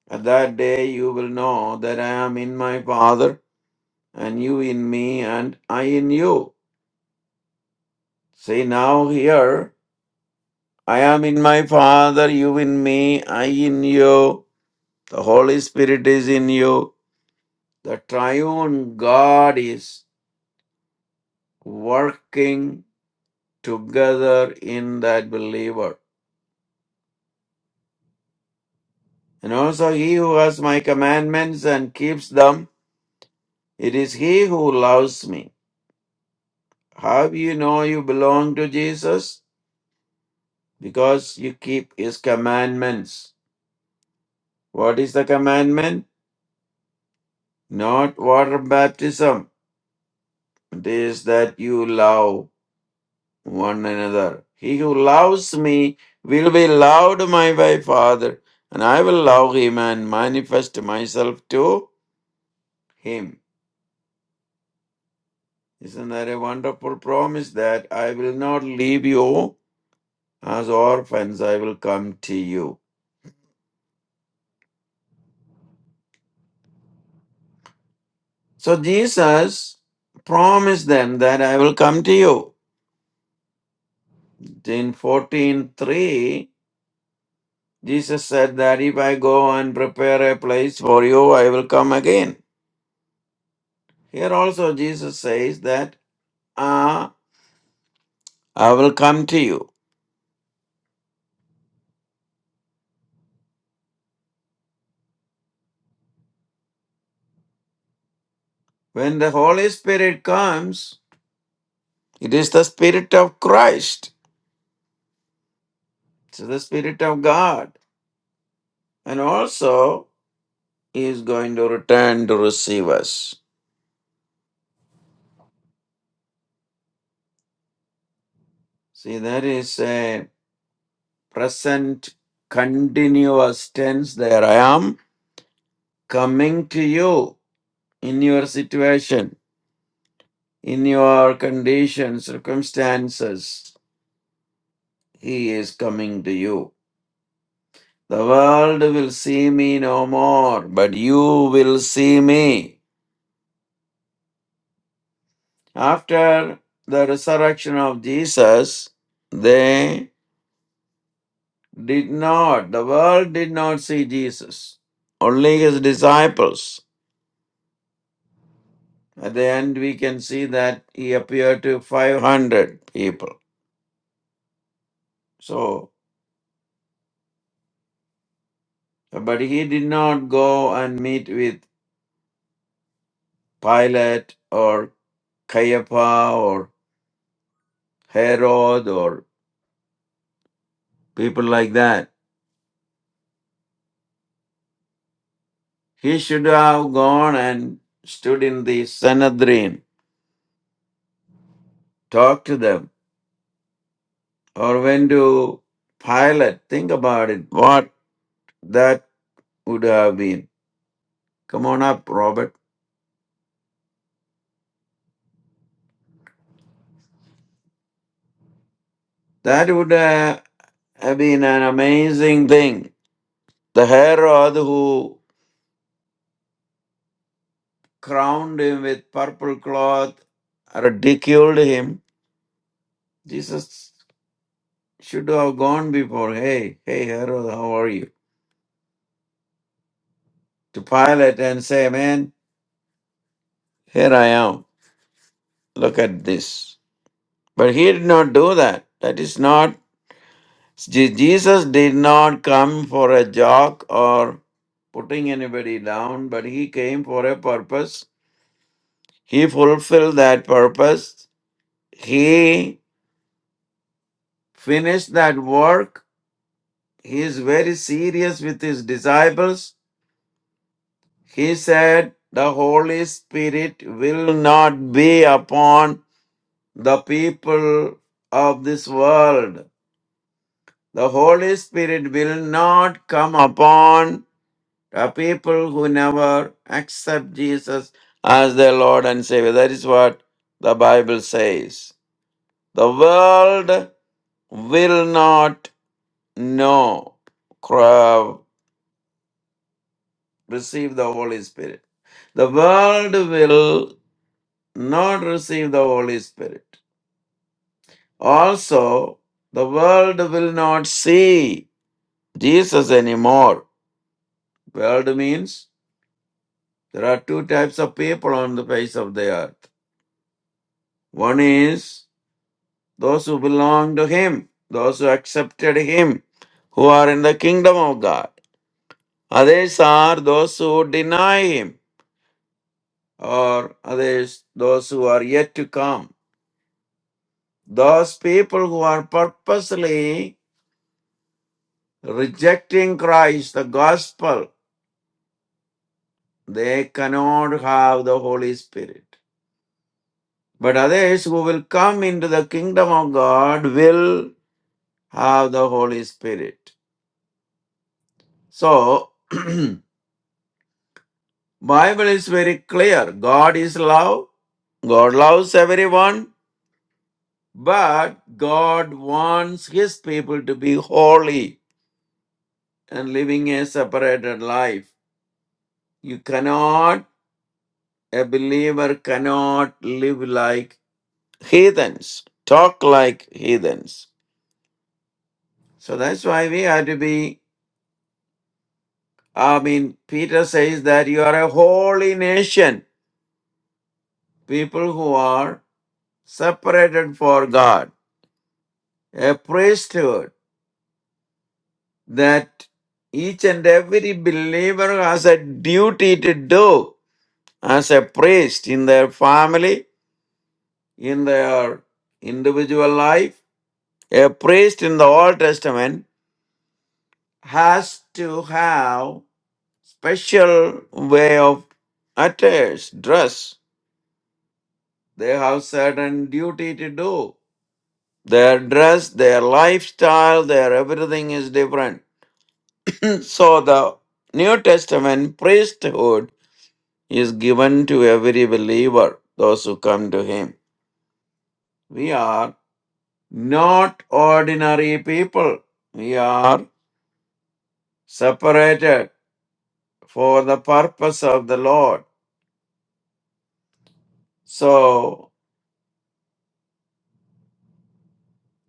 Speaker 2: At that day you will know that I am in my Father, and you in me, and I in you. Say now here, I am in my Father, you in me, I in you. The Holy Spirit is in you. The triune God is working together in that believer. And also he who has my commandments and keeps them, it is he who loves me. How you know you belong to Jesus? Because you keep his commandments. What is the commandment? Not water baptism. It is that you love one another. He who loves me will be loved by my by Father, and I will love him and manifest myself to him. Isn't that a wonderful promise that I will not leave you as orphans, I will come to you? So Jesus promised them that I will come to you. In 14:3, Jesus said that if I go and prepare a place for you, I will come again. Here also Jesus says that ah, I will come to you. When the Holy Spirit comes, it is the Spirit of Christ. It's the Spirit of God. And also is going to return to receive us. See, there is a present continuous tense there. I am coming to you in your situation, in your condition, circumstances. He is coming to you. The world will see me no more, but you will see me. After the resurrection of Jesus, They. did not, the world did not see Jesus, only his disciples. At the end, we can see that he appeared to 500 people. So, but he did not go and meet with Pilate or Caiapha or Herod or people like that. He should have gone and stood in the Sanhedrin, talked to them, or went to Pilate. Think about it, what that would have been. Come on up, Robert. That would uh, have been an amazing thing. The Herod who crowned him with purple cloth, ridiculed him. Jesus should have gone before, hey, hey, Herod, how are you? To Pilate and say, man, here I am. Look at this. But he did not do that. That is not, Je- Jesus did not come for a joke or putting anybody down, but he came for a purpose He fulfilled that purpose. He finished that work. He is very serious with his disciples. He said, The Holy Spirit will not be upon the people of this world. The Holy Spirit will not come upon the people who never accept Jesus as their Lord and Savior. That is what the Bible says. The world will not no cra- receive the Holy Spirit. The world will not receive the Holy Spirit. Also, the world will not see Jesus anymore. World means there are two types of people on the face of the earth. One is those who belong to Him, those who accepted Him, who are in the kingdom of God. Others are those who deny Him or others, those who are yet to come. Those people who are purposely rejecting Christ, the gospel, they cannot have the Holy Spirit. But others who will come into the kingdom of God will have the Holy Spirit. So, Bible is very clear. God is love. God loves everyone, but God wants his people to be holy. and living a separated life. You cannot, a believer cannot live like heathens, talk like heathens. So that's why we have to be, I mean, Peter says that you are a holy nation, people who are separated for God, a priesthood that each and every believer has a duty to do as a priest in their family in their individual life. A priest in the Old Testament has to have special way of attires, dress. They have certain duty to do. Their dress, their lifestyle, their everything is different. so the New Testament priesthood is given to every believer, those who come to him. We are not ordinary people. We are separated for the purpose of the Lord. So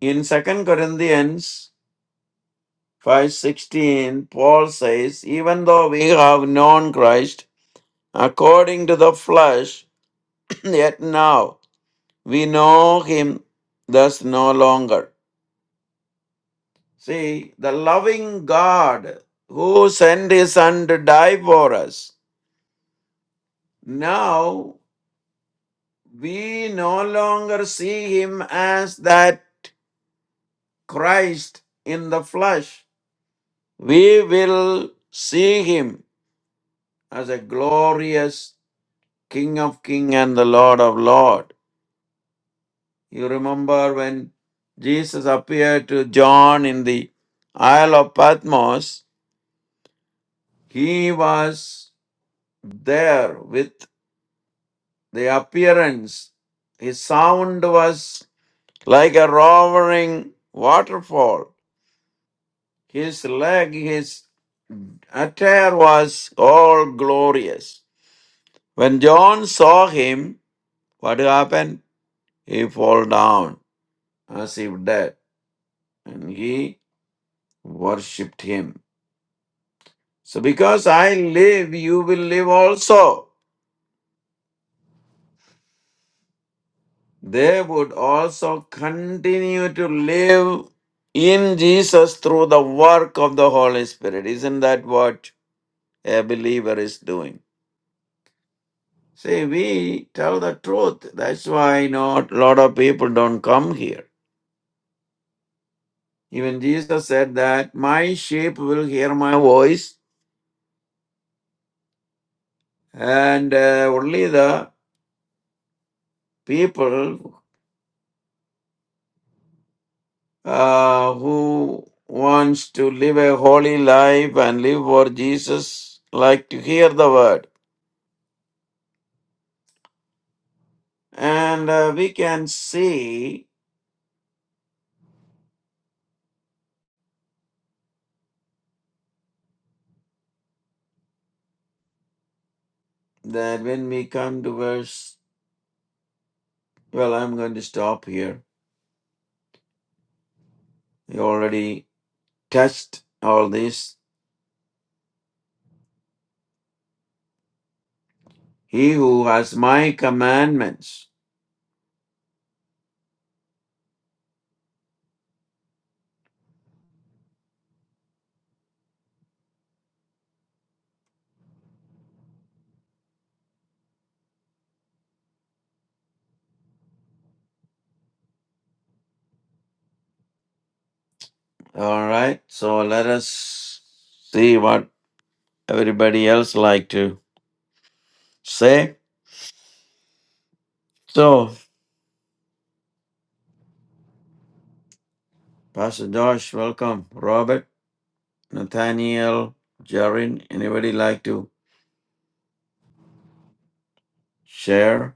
Speaker 2: in Second Corinthians 5:16 Paul says even though we have known Christ according to the flesh yet now we know him thus no longer. See the loving God who sent his son to die for us now we no longer see him as that Christ in the flesh, we will see him as a glorious King of King and the Lord of Lord. You remember when Jesus appeared to John in the Isle of Patmos, he was there with the appearance. His sound was like a roaring waterfall. His leg, his attire was all glorious. When John saw him, what happened? He fell down as if dead, and he worshipped him. So, because I live, you will live also. They would also continue to live in Jesus through the work of the Holy Spirit. Isn't that what a believer is doing? See, we tell the truth. That's why not a lot of people don't come here Even Jesus said that my sheep will hear my voice, and uh, only the people uh, who wants to live a holy life and live for Jesus like to hear the word. And uh, we can see that when we come to verse, well, I'm going to stop here. We already touched all this. He who has my commandments. All right. So let us see what everybody else like to say. So, Pastor Josh, welcome. Robert, Nathaniel, Jarin, anybody like to share?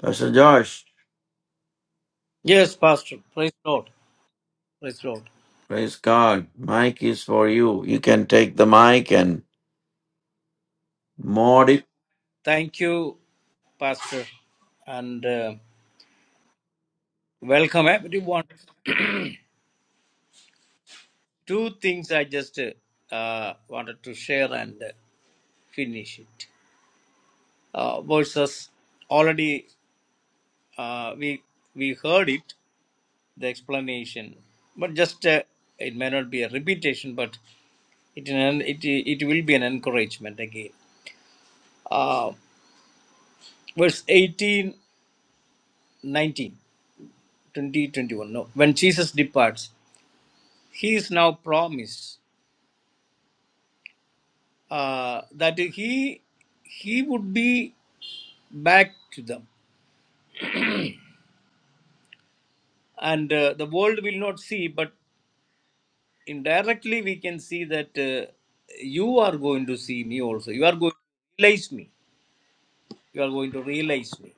Speaker 2: Pastor Josh,
Speaker 3: Yes, Pastor. Praise Lord. Praise Lord.
Speaker 2: praise God. Mic is for you. You can take the mic and mod it.
Speaker 3: Thank you, Pastor, and uh, welcome everyone. Two things I just uh, wanted to share and uh, finish it. Uh, verses already uh, we we heard it the explanation, but just uh, it may not be a repetition, but it an, it it will be an encouragement again. Uh, verse 18, 19, 20, 21. No, when Jesus departs. he is now promised uh, that he he would be back to them and uh, the world will not see but indirectly we can see that uh, you are going to see me also you are going to realize me you are going to realize me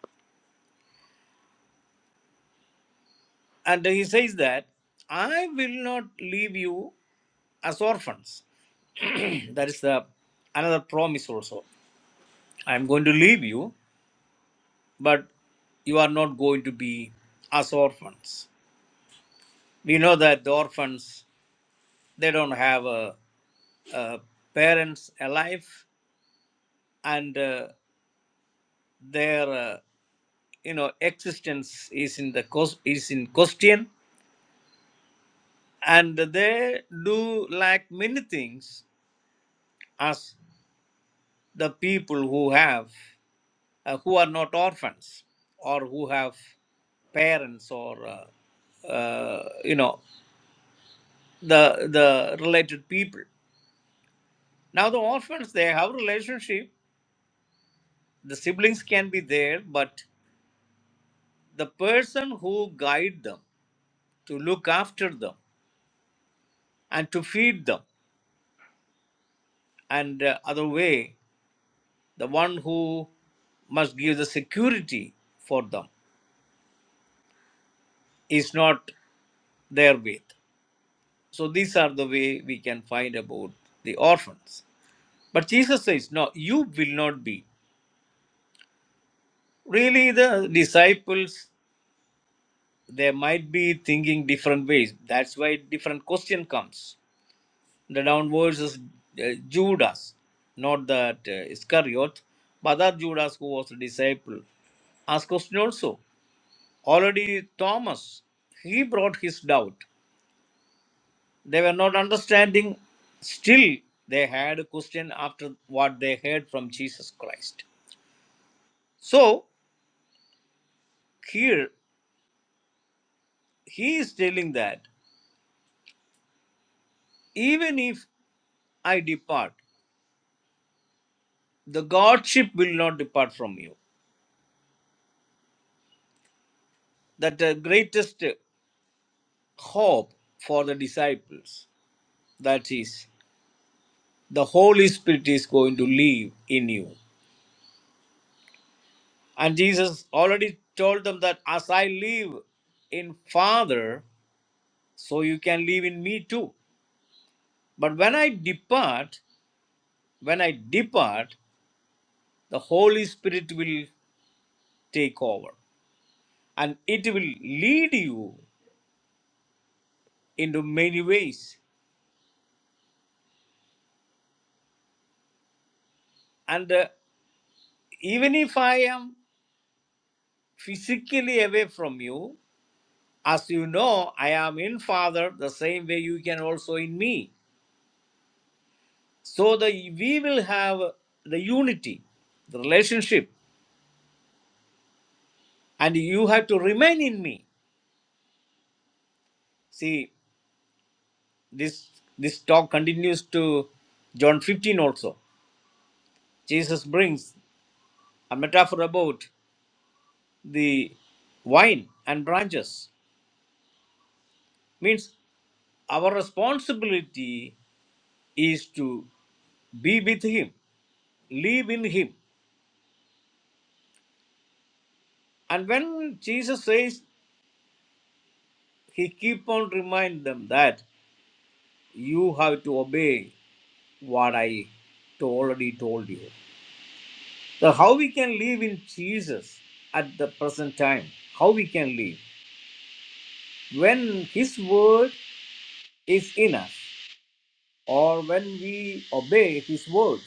Speaker 3: and he says that i will not leave you as orphans that is the another promise also i am going to leave you but you are not going to be as orphans We know that the orphans they don't have uh, uh, parents alive, and uh, their uh, you know existence is in the cos- is in question, and they do lack many things as the people who have uh, who are not orphans or who have parents or uh, uh, you know the the related people now the orphans they have relationship the siblings can be there, but the person who guide them to look after them and to feed them, and uh, other way, the one who must give the security for them is not there with. So these are the way we can find about the orphans. But Jesus says, no, you will not be. Really, the disciples they might be thinking different ways. That's why different question comes The downwards is uh, Judas, not that uh, Iscariot, but that Judas who was a disciple. Ask question also. Already Thomas, he brought his doubt. They were not understanding. Still, they had a question after what they heard from Jesus Christ. So here he is telling that even if I depart, the Godship will not depart from you. That the greatest hope for the disciples. that is the holy spirit is going to live in you and jesus already told them that as i live in father so you can live in me too but when i depart when i depart the holy spirit will take over and it will lead you into many ways and uh, even if i am physically away from you as you know i am in father the same way you can also in me So the we will have the unity, the relationship, and you have to remain in me. See, this this talk continues to John 15 also. Jesus brings a metaphor about the wine and branches. Means our responsibility is to be with him, live in him. And when Jesus says, he keep on remind them that you have to obey what I already told you. So how we can live in Jesus at the present time? How we can live when His word is in us, or when we obey His words?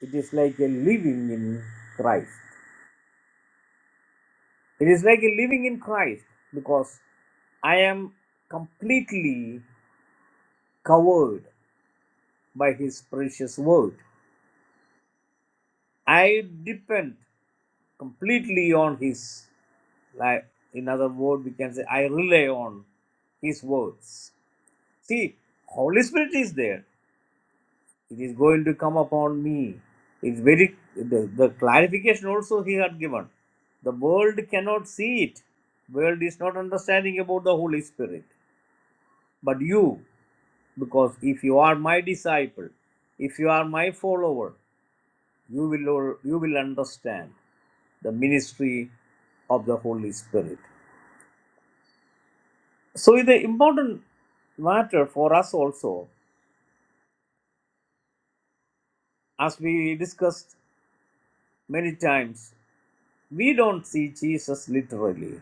Speaker 3: It is like a living in Christ. It is like a living in Christ because I am completely covered by His precious word. I depend completely on his like in other words, we can say i rely on his words see holy spirit is there it is going to come upon me it's very the, the clarification also he had given the world cannot see it world is not understanding about the holy spirit but you because if you are my disciple if you are my follower you will you will understand the ministry of the holy spirit So it's an important matter for us also, as we discussed many times. We don't see Jesus literally,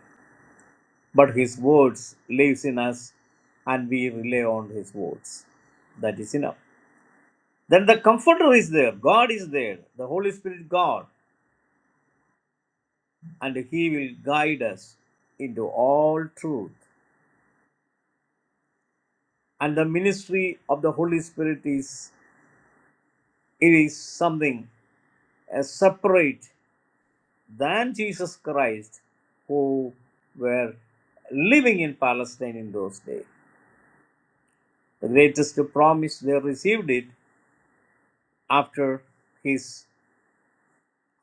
Speaker 3: but his words lives in us, and we rely on his words. That is enough. Then the Comforter is there. God is there, the Holy Spirit, God, and He will guide us into all truth. And the ministry of the Holy Spirit is it is something uh, separate than Jesus Christ who were living in Palestine in those days. The greatest promise they received it after his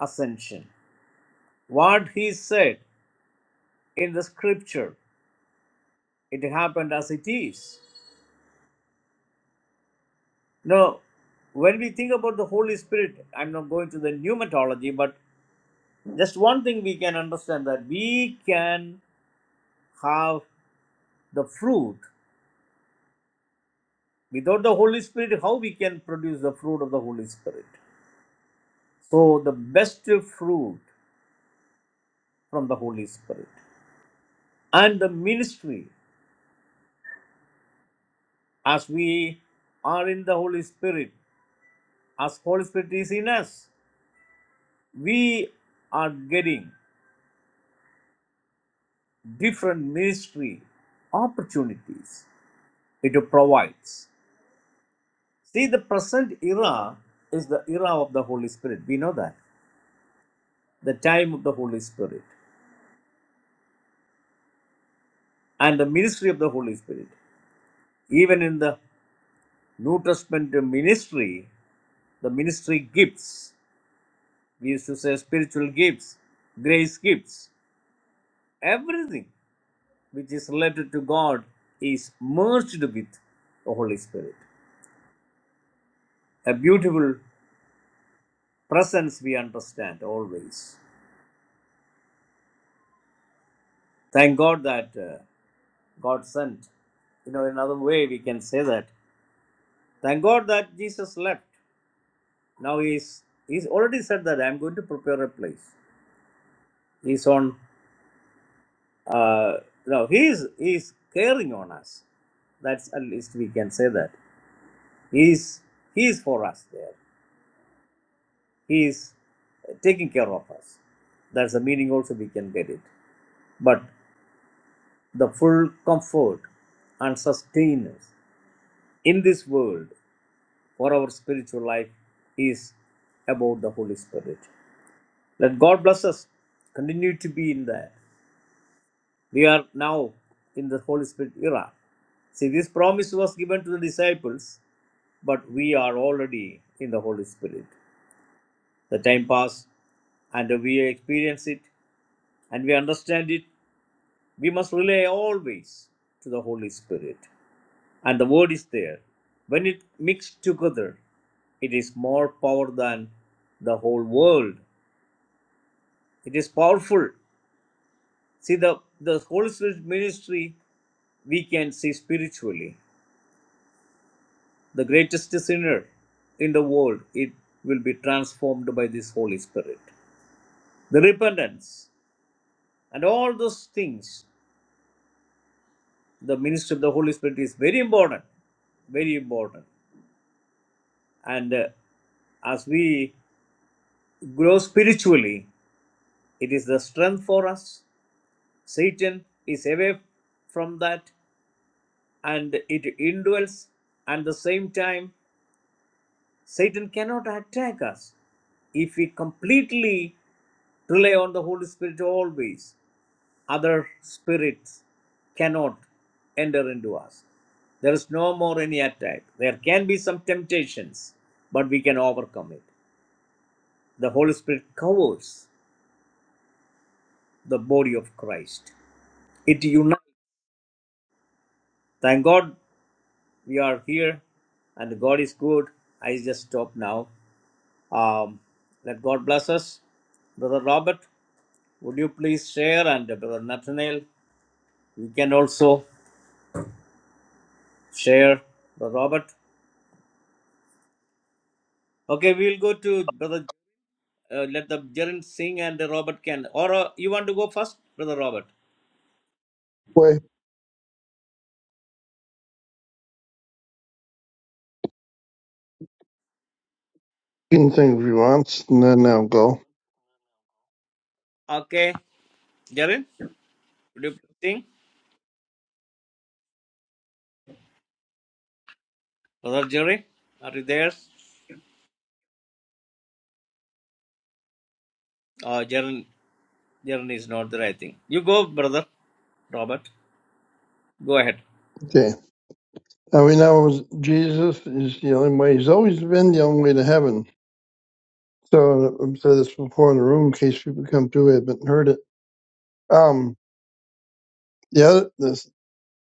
Speaker 3: ascension. What he said in the scripture, it happened as it is. Now, when we think about the Holy Spirit, I'm not going to the pneumatology, but just one thing we can understand that we can have the fruit without the Holy Spirit. How we can produce the fruit of the Holy Spirit? So, the best fruit from the Holy Spirit and the ministry as we are in the Holy Spirit, as Holy Spirit is in us, we are getting different ministry opportunities it provides. See, the present era is the era of the Holy Spirit. We know that. The time of the Holy Spirit and the ministry of the Holy Spirit. Even in the New Testament ministry, the ministry gifts. We used to say spiritual gifts, grace gifts, everything which is related to God is merged with the Holy Spirit. A beautiful presence we understand always. Thank God that uh, God sent. You know, another way we can say that. Thank God that Jesus left. Now he's he's already said that I'm going to prepare a place. He's on. Uh, no, he's he's caring on us. That's at least we can say that. He is, he is for us there. He is taking care of us. That's the meaning also we can get it. But the full comfort and sustenance in this world for our spiritual life is about the Holy Spirit. Let God bless us. Continue to be in there. We are now in the Holy Spirit era. See, this promise was given to the disciples, but we are already in the Holy Spirit. The time pass and we experience it and we understand it. We must rely always to the Holy Spirit. And the word is there. When it mixed together, it is more power than the whole world. It is powerful. See the, the Holy Spirit ministry we can see spiritually. The greatest sinner in the world, it will be transformed by this Holy Spirit. The repentance and all those things. the ministry of the Holy Spirit is very important, very important. And uh, as we grow spiritually, it is the strength for us. Satan is away from that and it indwells. At the same time, Satan cannot attack us if we completely rely on the Holy Spirit always. other spirits cannot enter into us. There is no more any attack. There can be some temptations, but we can overcome it. The Holy Spirit covers the body of Christ, it unites. Thank God we are here and God is good. I just stop now. Um, let God bless us. Brother Robert, would you please share? And Brother Nathaniel, you can also share. Brother Robert. Okay, we will go to Brother Uh, let the Jerin sing and the Robert can. Or uh, you want to go first, Brother Robert?
Speaker 4: Well, he can think if he wants, and then I'll go.
Speaker 3: Okay. Jerin, would you please sing? Brother Jerin, are you there? Uh, Jerin, Jerin is not there, I think. You go, Brother Robert. Go ahead.
Speaker 4: Okay. Now we know Jesus is the only way. He's always been the only way to heaven. So I've said this before in the room, in case people come through, it haven't heard it. Um, the other, this,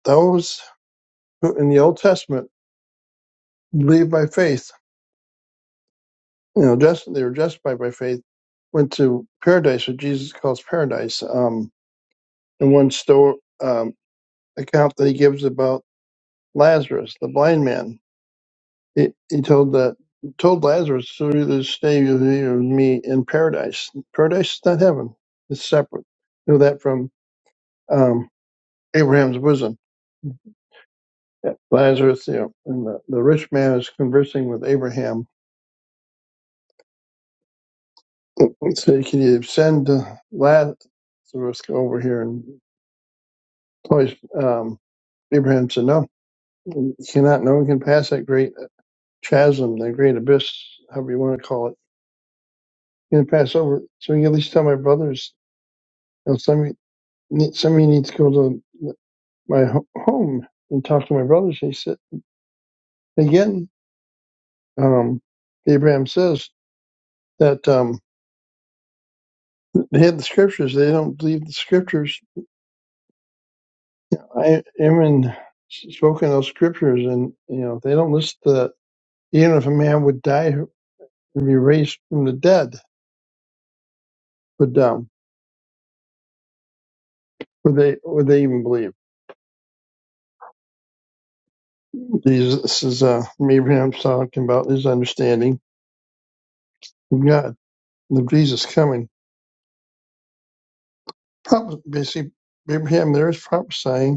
Speaker 4: those who in the Old Testament believed by faith, you know, just they were justified by faith, went to paradise, what Jesus calls paradise. Um, in one store um, account that he gives about Lazarus, the blind man. He, he told that told Lazarus, "Surely this stay with you with me in paradise. Paradise is not heaven; it's separate." Know that from um, Abraham's bosom. Yeah. Lazarus, you know, and the, the rich man is conversing with Abraham. So he can you send uh, Lazarus over here and place? Um, Abraham said, "No, you cannot. No one can pass that great chasm, that great abyss, however you want to call it. You can pass over. So you can at least tell my brothers." you know, some. Ne- Somebody needs to go to my ho- home and talk to my brothers. He said, again, um, Abraham says that um, they have the scriptures. They don't believe the scriptures. I am in spoken those scriptures, and you know they don't list that even if a man would die and be raised from the dead, would um, would they would they even believe? These this is uh, Abraham talking about his understanding of God, and of Jesus coming. Prop- Basically, Abraham there is prophesying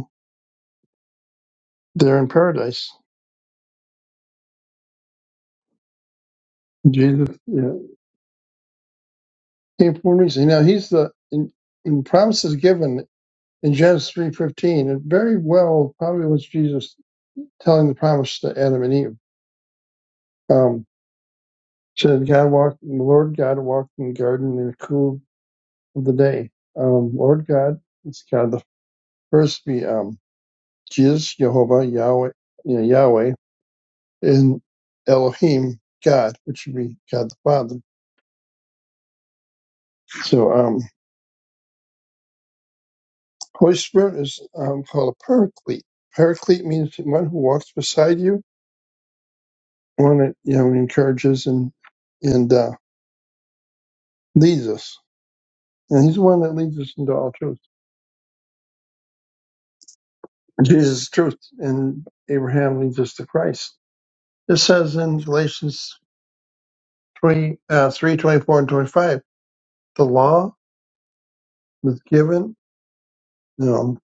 Speaker 4: They're in paradise. Jesus yeah, came for a reason. Now he's the in, in the promises given in Genesis three fifteen. It very well probably was Jesus telling the promise to Adam and Eve. Um, said God walked, the Lord God walked in the garden in the cool of the day. Um, Lord God, it's God the first be um, Jesus, Jehovah, Yahweh, you know, Yahweh, and Elohim, God, which would be God the Father. So um, Holy Spirit is um, called a paraclete. Paraclete means one who walks beside you, one that you know encourages and and uh, leads us. And he's the one that leads us into all truth. Jesus is truth, and Abraham leads us to Christ. It says in Galatians 3, uh, 3 twenty-four and 25, the law was given, you know,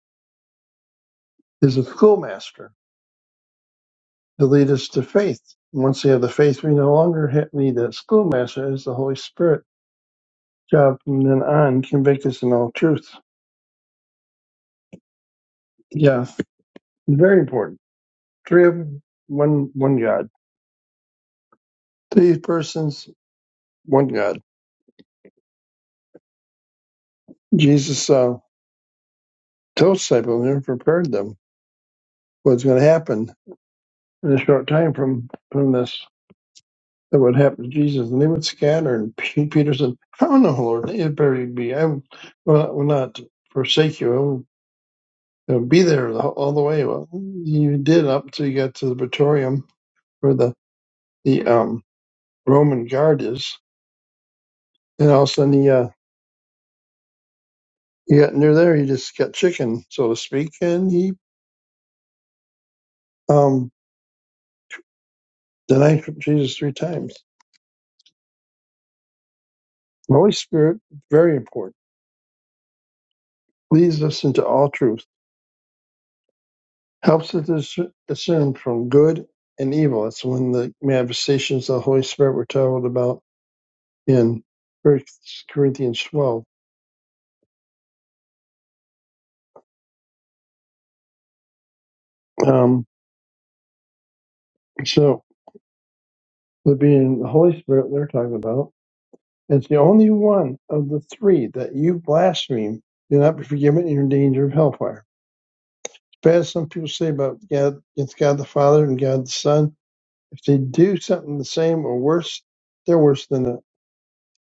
Speaker 4: is a schoolmaster to lead us to faith. And once we have the faith, we no longer ha- need that schoolmaster. It's the Holy Spirit job from then on convict us in all truth. Yes, very important. Three of them, one one God. Three persons, one God. Jesus uh, told disciples and prepared them what's going to happen in a short time from from this. That would happen to Jesus, and they would scatter. And P- Peter said, "I don't know, Lord. It better be. I will will not forsake you. I will you know, be there the- all the way." Well, you did up till you got to the Praetorium, where the the um, Roman guard is, And all of a sudden he uh, he got near there, he just got chicken, so to speak, and he um denied Jesus three times. The Holy Spirit, very important, leads us into all truth, helps us dis- discern from good and evil. That's when the manifestations of the Holy Spirit were told about in First Corinthians twelve. Um, so the being the Holy Spirit they're talking about. It's the only one of the three that you blaspheme. You'll not be forgiven and you're in danger of hellfire As some people say about God, it's God the Father and God the Son. If they do something the same or worse, they're worse than a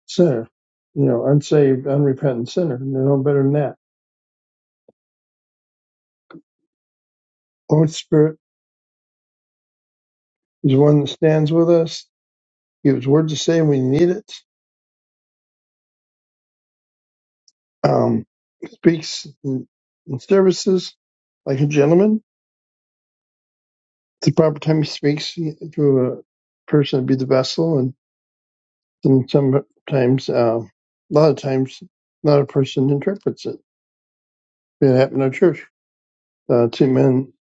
Speaker 4: sinner, you know, unsaved, unrepentant sinner. They're no better than that. Lord Spirit is one that stands with us, gives word to say we need it, um, speaks in, in services like a gentleman. At the proper time he speaks to a person to be the vessel, and, and sometimes, uh, a lot of times, not a person interprets it It happened at church. Uh, two men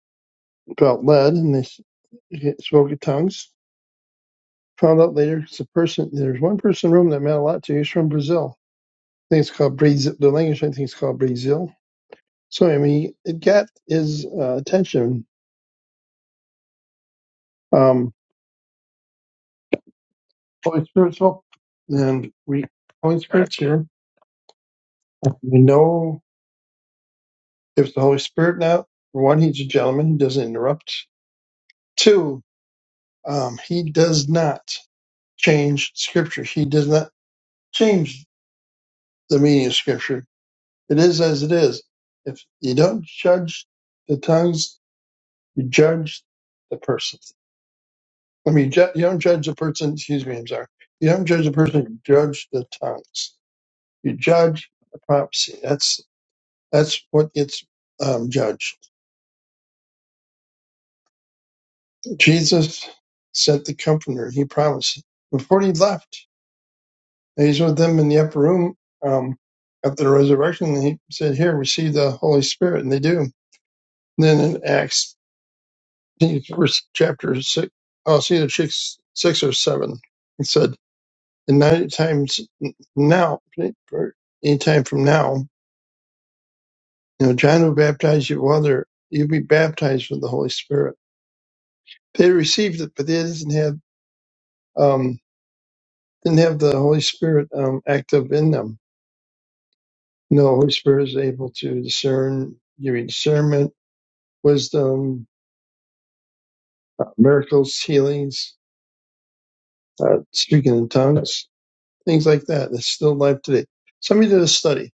Speaker 4: felt led and they s- spoke in tongues. Found out later it's a person. There's one person in the room that meant a lot to. you. He's from Brazil. I think it's called Brazil. The language I think it's called Brazil. So I mean, it got his uh, attention. Um, Holy Spirit's help, and we Holy Spirit's here. We know if the Holy Spirit now. For one, he's a gentleman. He doesn't interrupt. Two, um, he does not change scripture. He does not change. the meaning of Scripture. It is as it is. If you don't judge the tongues, you judge the person. I mean, ju- you don't judge the person. Excuse me, I'm sorry. You don't judge the person. You judge the tongues. You judge the prophecy. That's that's what gets um, judged. Jesus sent the Comforter. He promised before he left. And He's with them in the upper room um, after the resurrection. And he said, "Here, receive the Holy Spirit," and they do. Then in Acts think it's verse chapter six, oh, see the six, six or seven. It said, and ninety times now, any time from now, you know, John will baptize you with water. You'll be baptized with the Holy Spirit. They received it, but they didn't have, um, didn't have the Holy Spirit, um, active in them. No, Holy Spirit is able to discern, give you discernment, wisdom, uh, miracles, healings, uh, speaking in tongues, things like that. It's still life today. Somebody did a study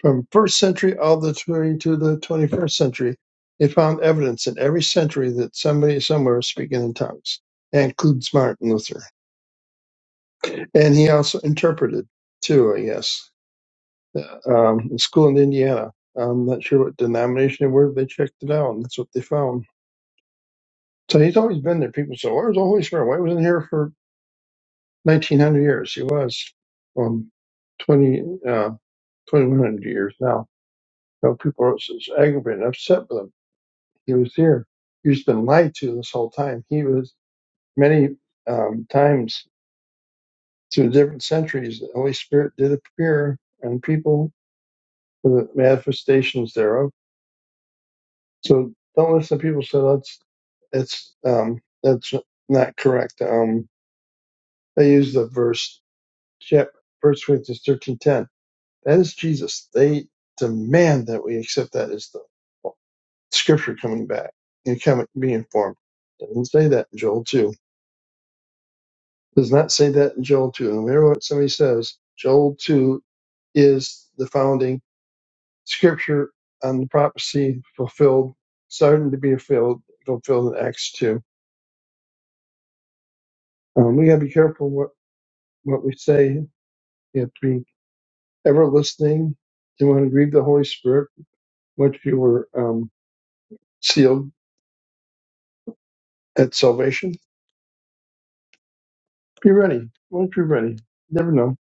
Speaker 4: From first century all the way to the 21st century, they found evidence in every century that somebody somewhere was speaking in tongues. That includes Martin Luther. And he also interpreted too, I guess. uh, Um, a school in Indiana. I'm not sure what denomination they were, but they checked it out and that's what they found. So he's always been there. People say, where's the Holy Spirit? Why wasn't he here for 1900 years? He was. Um, 20, uh, 2100 years now. So people are aggravated and upset with him he was here. He's been lied to this whole time. He was many um, times through different centuries. The Holy Spirit did appear on people for the manifestations thereof. So don't listen to people say that's that's um, that's not correct. Um, they use the verse chap First Corinthians thirteen ten. That is Jesus. They demand that we accept that as the Scripture coming back and coming being informed. Doesn't say that in Joel two does not say that in Joel 2. No matter what somebody says, Joel 2 is the founding scripture on the prophecy fulfilled, starting to be fulfilled, fulfilled in Acts 2. Um, we got to be careful what, what we say. You have to be ever listening. You want to grieve the Holy Spirit once you were um, sealed at salvation. Be ready. Once you're ready, never know.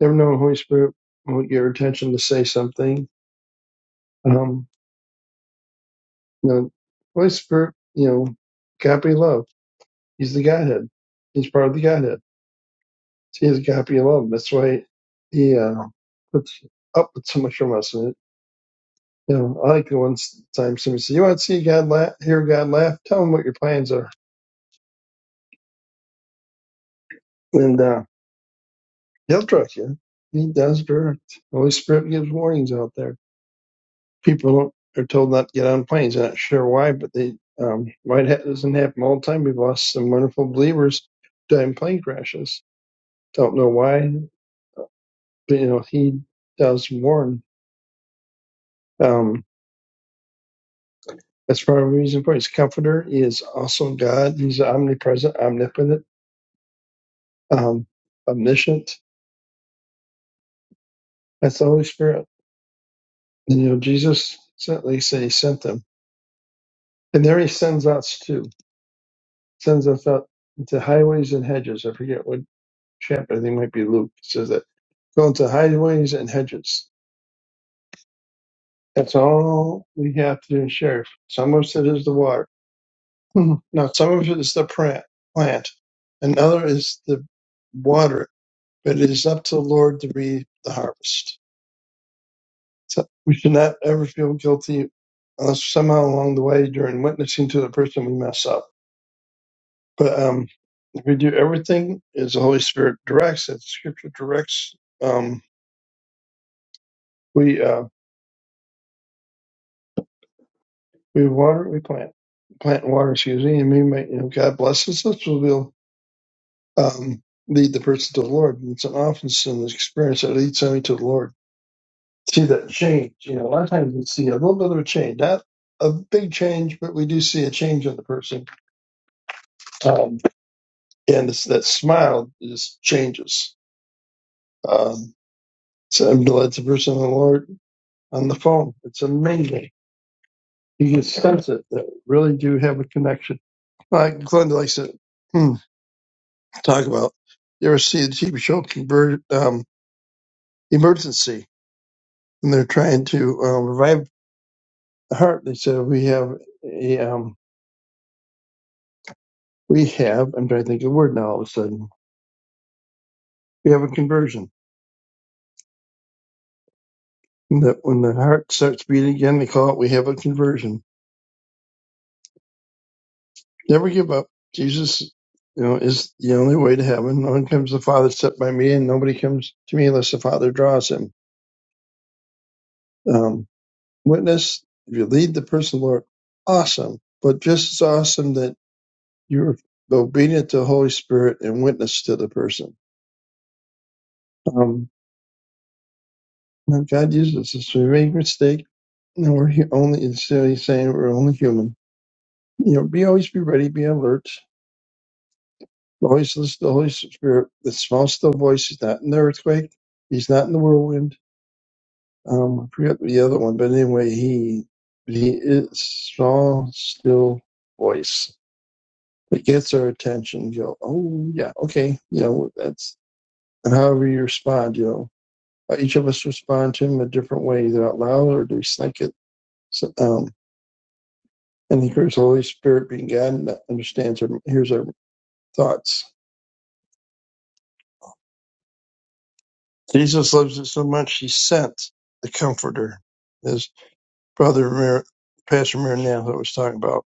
Speaker 4: Never know when the Holy Spirit won't get your attention to say something. Um, You know, Holy Spirit, you know, agape love. He's the Godhead. He's part of the Godhead. He is agape love. That's why he uh, puts up with so much from us. And, it, you know, I like the one time somebody said, "You want to see God laugh, hear God laugh? Tell him what your plans are, and uh, he'll direct you." He does direct. The Holy Spirit gives warnings out there. People don't, are told not to get on planes. They're not sure why, but they um, why it doesn't happen all the time. We've lost some wonderful believers during plane crashes Don't know why, but you know he does warn. Um, that's part of the reason for his comforter. He is also God. He's omnipresent, omnipotent, um, omniscient. That's the Holy Spirit. And you know Jesus sent. They say he sent them, and there he sends us too. Sends us out into highways and hedges. I forget what chapter. I think it might be Luke. It says that go into highways and hedges. That's all we have to do and share. Some of us it is the water. Mhm. Now, some of it is the plant, plant, another is the water, but it is up to the Lord to reap the harvest. So we should not ever feel guilty unless somehow along the way during witnessing to the person we mess up. But um, if we do everything as the Holy Spirit directs, as Scripture directs, um, we uh, we water, we plant, plant and water, excuse me, and we might, you know, God blesses us, we'll um, lead the person to the Lord. And it's an often an experience that leads somebody to the Lord. see that change. You know, a lot of times we see a little bit of a change, not a big change, but we do see a change in the person. Um, and it's, that smile just changes. Um, so I'm glad the person on the Lord on the phone. It's amazing. You can sense it. That we really do have a connection. Like Glenda likes to hmm, talk about. You ever see the TV show Conver um, Emergency? And they're trying to um, revive the heart. They said we have a um, We have, I'm trying to think of the word now all of a sudden, we have a conversion. And That when the heart starts beating again, they call it, we have a conversion. Never give up. Jesus, you know, is the only way to heaven. No one comes to the Father except by me, and nobody comes to me unless the Father draws him. Um, witness, if you lead the person, Lord, awesome. But just as awesome that you're obedient to the Holy Spirit and witness to the person. Um, now God uses us. We make mistakes. and we're only, it's really saying we're only human You know, be always be ready, be alert. Always listen to the Holy Spirit, the small still voice. He's not in the earthquake. He's not in the whirlwind. Um, I forget the other one, but anyway, he he is small still voice. It gets our attention. You go, oh yeah, okay. You know, that's and however you respond. You know, Uh, each of us respond to him a different way, either out loud or do we think it. So, um, and here's the Holy Spirit being God and that understands our hears our thoughts Jesus loves us so much, he sent the Comforter, as Brother Mar- Pastor Maranatha was talking about.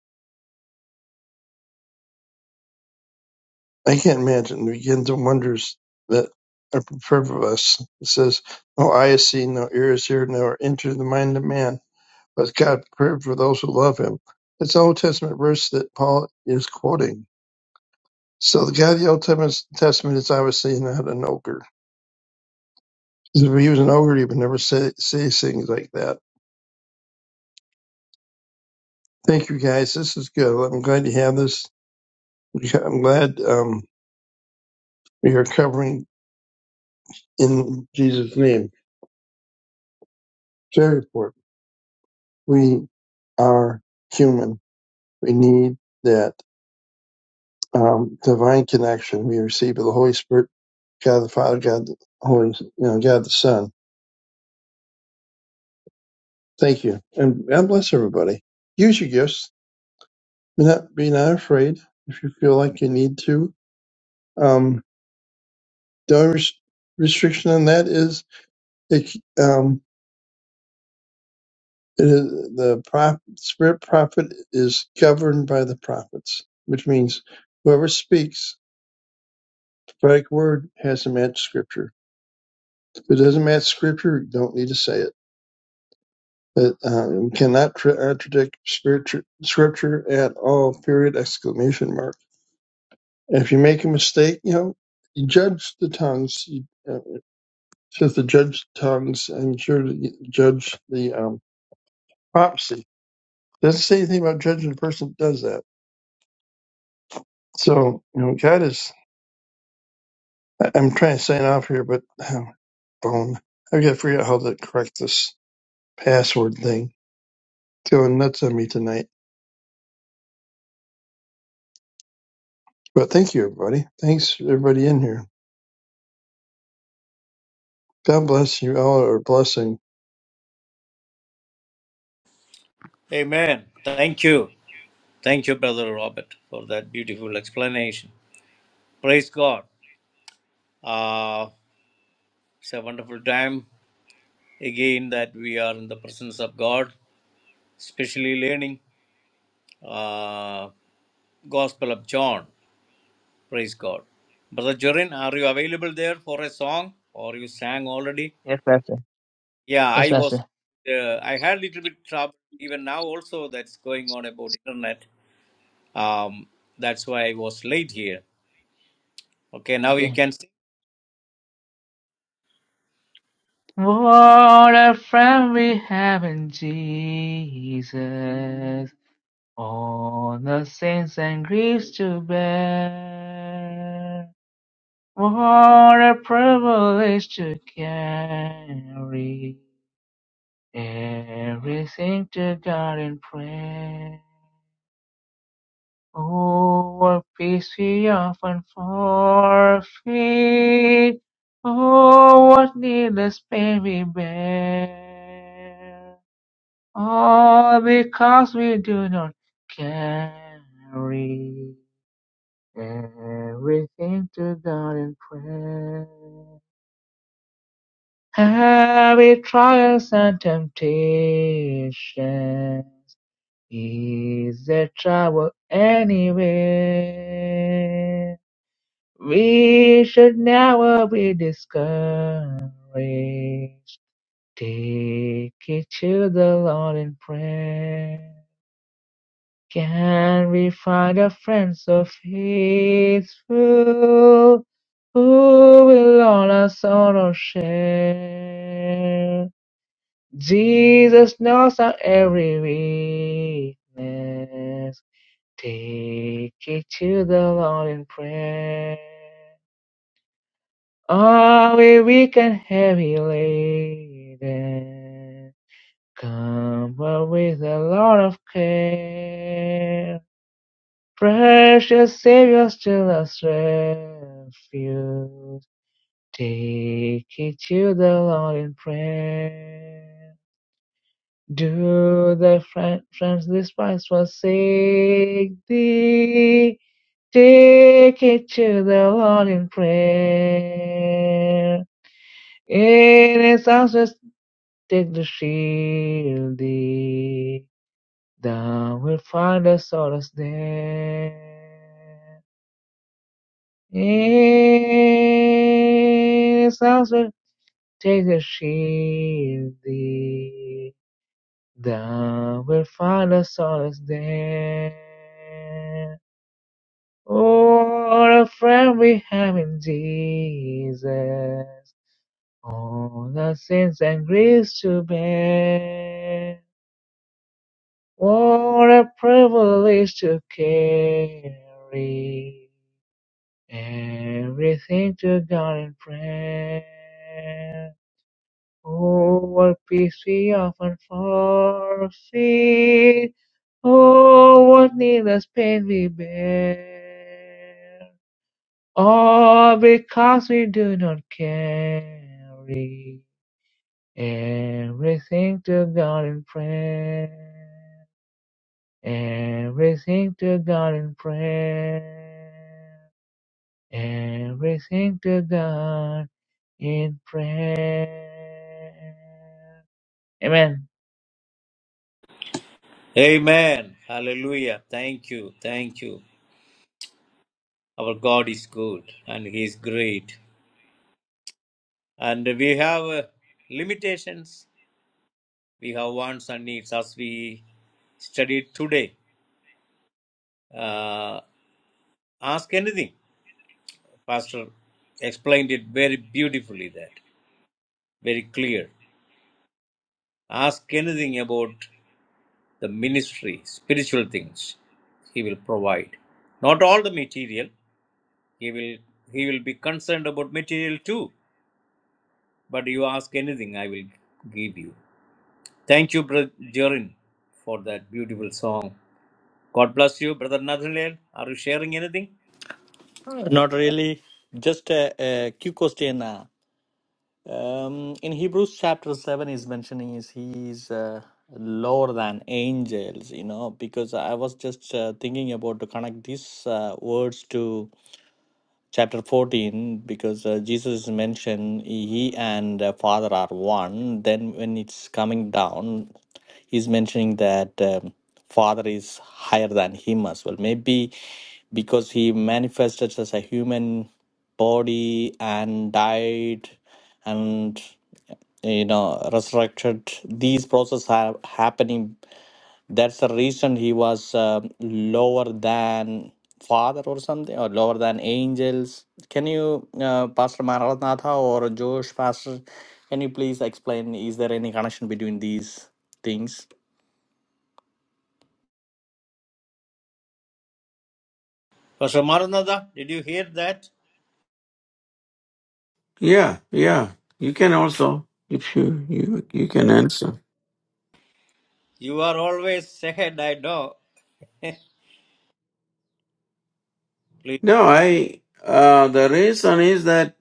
Speaker 4: I can't imagine. We get into wonders that are prepared for us. It says, No eye has seen, no ear has heard, nor entered the mind of man, but God prepared for those who love him. It's an Old Testament verse that Paul is quoting. So the God of the Old Testament Testament is obviously not an ogre. 'Cause If he was an ogre, he would never say, say things like that. Thank you, guys. This is good. I'm glad you have this We ca- I'm glad um, we are covering in Jesus' name. Very important. We are human. We need that um, divine connection we receive of the Holy Spirit, God the Father, God the Holy, you know, God the Son. Thank you, and God bless everybody. Use your gifts. Be not be not afraid if you feel like you need to. Um, the only res- restriction on that is it. It is, the prop, spirit prophet is governed by the prophets, which means whoever speaks the prophetic word has to match scripture. If it doesn't match scripture, you don't need to say it. But uh, we cannot tra- uh, contradict scripture, scripture at all. Period! Exclamation mark. If you make a mistake, you know, you judge the tongues. You, uh, says to judge the tongues, and sure to y- judge the um, prophecy. Doesn't say anything about judging the person that does that. So you know, God is I- I'm trying to sign off here, but um, phone. I've got to figure out how to correct this password thing. It's going nuts on me tonight. But thank you, everybody. Thanks, everybody in here. God bless you all. Or blessing.
Speaker 3: Amen. Thank you. Thank you, Brother Robert, for that beautiful explanation. Praise God. Uh, it's a wonderful time again that we are in the presence of God, especially learning uh, Gospel of John. Praise God. Brother Jorin, are you available there for a song or you sang already?
Speaker 1: Yes, Pastor.
Speaker 3: Yeah,
Speaker 1: Yes,
Speaker 3: I was,
Speaker 1: Pastor.
Speaker 3: uh, I had a little bit trouble even now also that's going on about internet. Um, that's why I was late here. Okay, now
Speaker 1: Okay.
Speaker 3: you can sing.
Speaker 1: What a friend we have in Jesus, all the sins and griefs to bear. What a privilege to carry everything to God in prayer. Oh, what peace we often forfeit. Oh, what needless pain we bear. Oh, because we do not carry everything to God in prayer. Heavy trials and temptation is a trouble anyway. We should never be discouraged. Take it to the Lord in prayer. Can we find a friend so faithful who will all our sorrow share? Jesus knows our every weakness. Take it to the Lord in prayer. Are we weak and heavy laden? Come with a lot of care. Precious Savior, still our refuge. Take it to the Lord in prayer. Do thy friend, friends despise forsake thee? Take it to the Lord in prayer. In his houses take the shield thee. Thou wilt find a solace there. Eh, Sansa, take the shield thee. Thou wilt find a solace there. Oh, what a friend we have in Jesus. All the sins and griefs to bear. What a privilege to carry. Everything to God in prayer. Oh, what peace we often forfeit. Oh, what needless pain we bear. All because we do not carry everything to God in prayer. Everything to God in prayer. everything to God in prayer. Amen.
Speaker 3: Amen. Hallelujah. Thank you. Thank you. Our God is good and He is great. And we have uh, limitations. We have wants and needs as we studied today. Uh, ask anything Pastor explained it very beautifully that, very clear. Ask anything about the ministry, spiritual things, he will provide. Not all the material, he will he will be concerned about material too. But you ask anything, I will give you. Thank you, Brother Jorin, for that beautiful song. God bless you, Brother Nathaniel. Are you sharing anything?
Speaker 5: Not really. Just a, a quick question. uh, Um, in Hebrews chapter 7 is mentioning is he is uh, lower than angels, you know, because I was just uh, thinking about to connect these uh, words to chapter 14 because uh, jesus is mentioned he and uh, father are one then when it's coming down he's mentioning that um, father is higher than him as well maybe because he manifested as a human body and died and you know resurrected these processes are happening that's the reason he was um lower than father or something, or lower than angels. Can you, uh, Pastor Maranatha or Josh, Pastor, can you please explain? Is there any connection between these things?
Speaker 3: Pastor Maranatha, did you hear that?
Speaker 2: Yeah, yeah. You can also, if you you you can answer.
Speaker 3: You are always ahead, I know. Please.
Speaker 2: No, I. Uh, the reason is that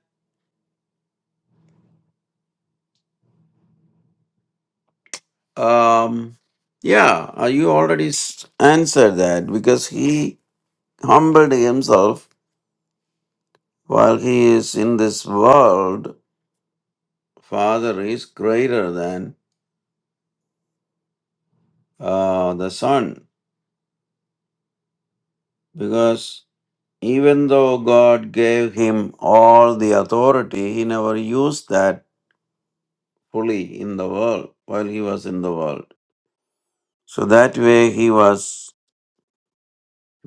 Speaker 2: um, yeah, uh, you already s- answered that because he humbled himself While he is in this world, Father is greater than uh, the Son because even though God gave him all the authority, he never used that fully in the world while he was in the world. So that way he was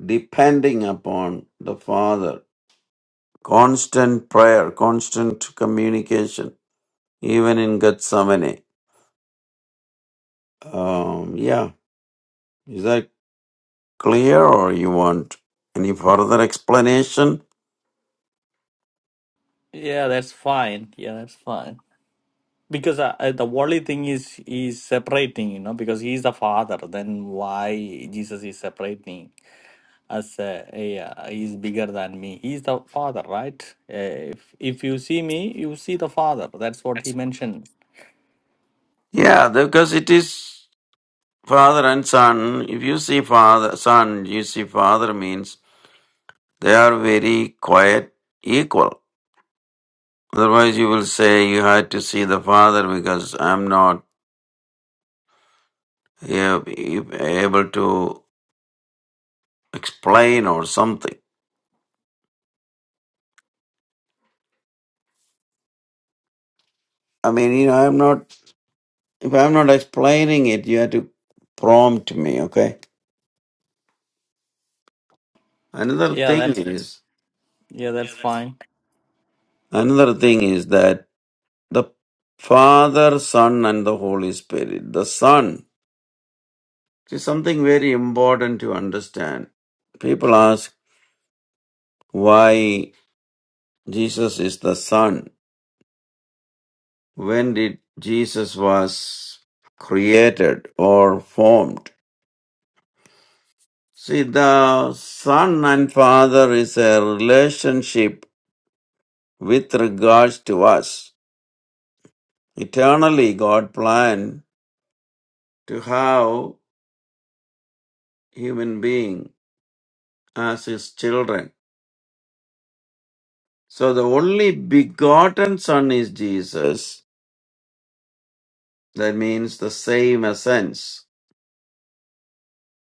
Speaker 2: depending upon the Father. Constant prayer, constant communication, even in Gethsemane. Um, yeah, is that clear or you want any further explanation?
Speaker 5: Yeah, that's fine. Yeah, that's fine. Because uh, uh, the worldly thing is is separating, you know, because he's the father. Then why Jesus is separating? as uh, yeah, he's bigger than me. He's the father, right? Uh, if if you see me, you see the father. That's what he mentioned.
Speaker 2: Yeah, because it is father and son. If you see father, son, you see father means they are very quiet, equal. Otherwise, you will say you had to see the father because I'm not ab- able to explain or something. I mean, you know, I'm not, if I'm not explaining it, you have to prompt me, okay? Another
Speaker 5: Yeah,
Speaker 2: thing
Speaker 5: that's
Speaker 2: is,
Speaker 5: yeah, that's fine.
Speaker 2: another thing is that The Father, Son, and the Holy Spirit. The Son It is something very important to understand. People ask why Jesus is the Son. When did Jesus was created or formed? See, the Son and Father is a relationship with regards to us. Eternally, God planned to have human being as his children. So the only begotten Son is Jesus. That means the same essence.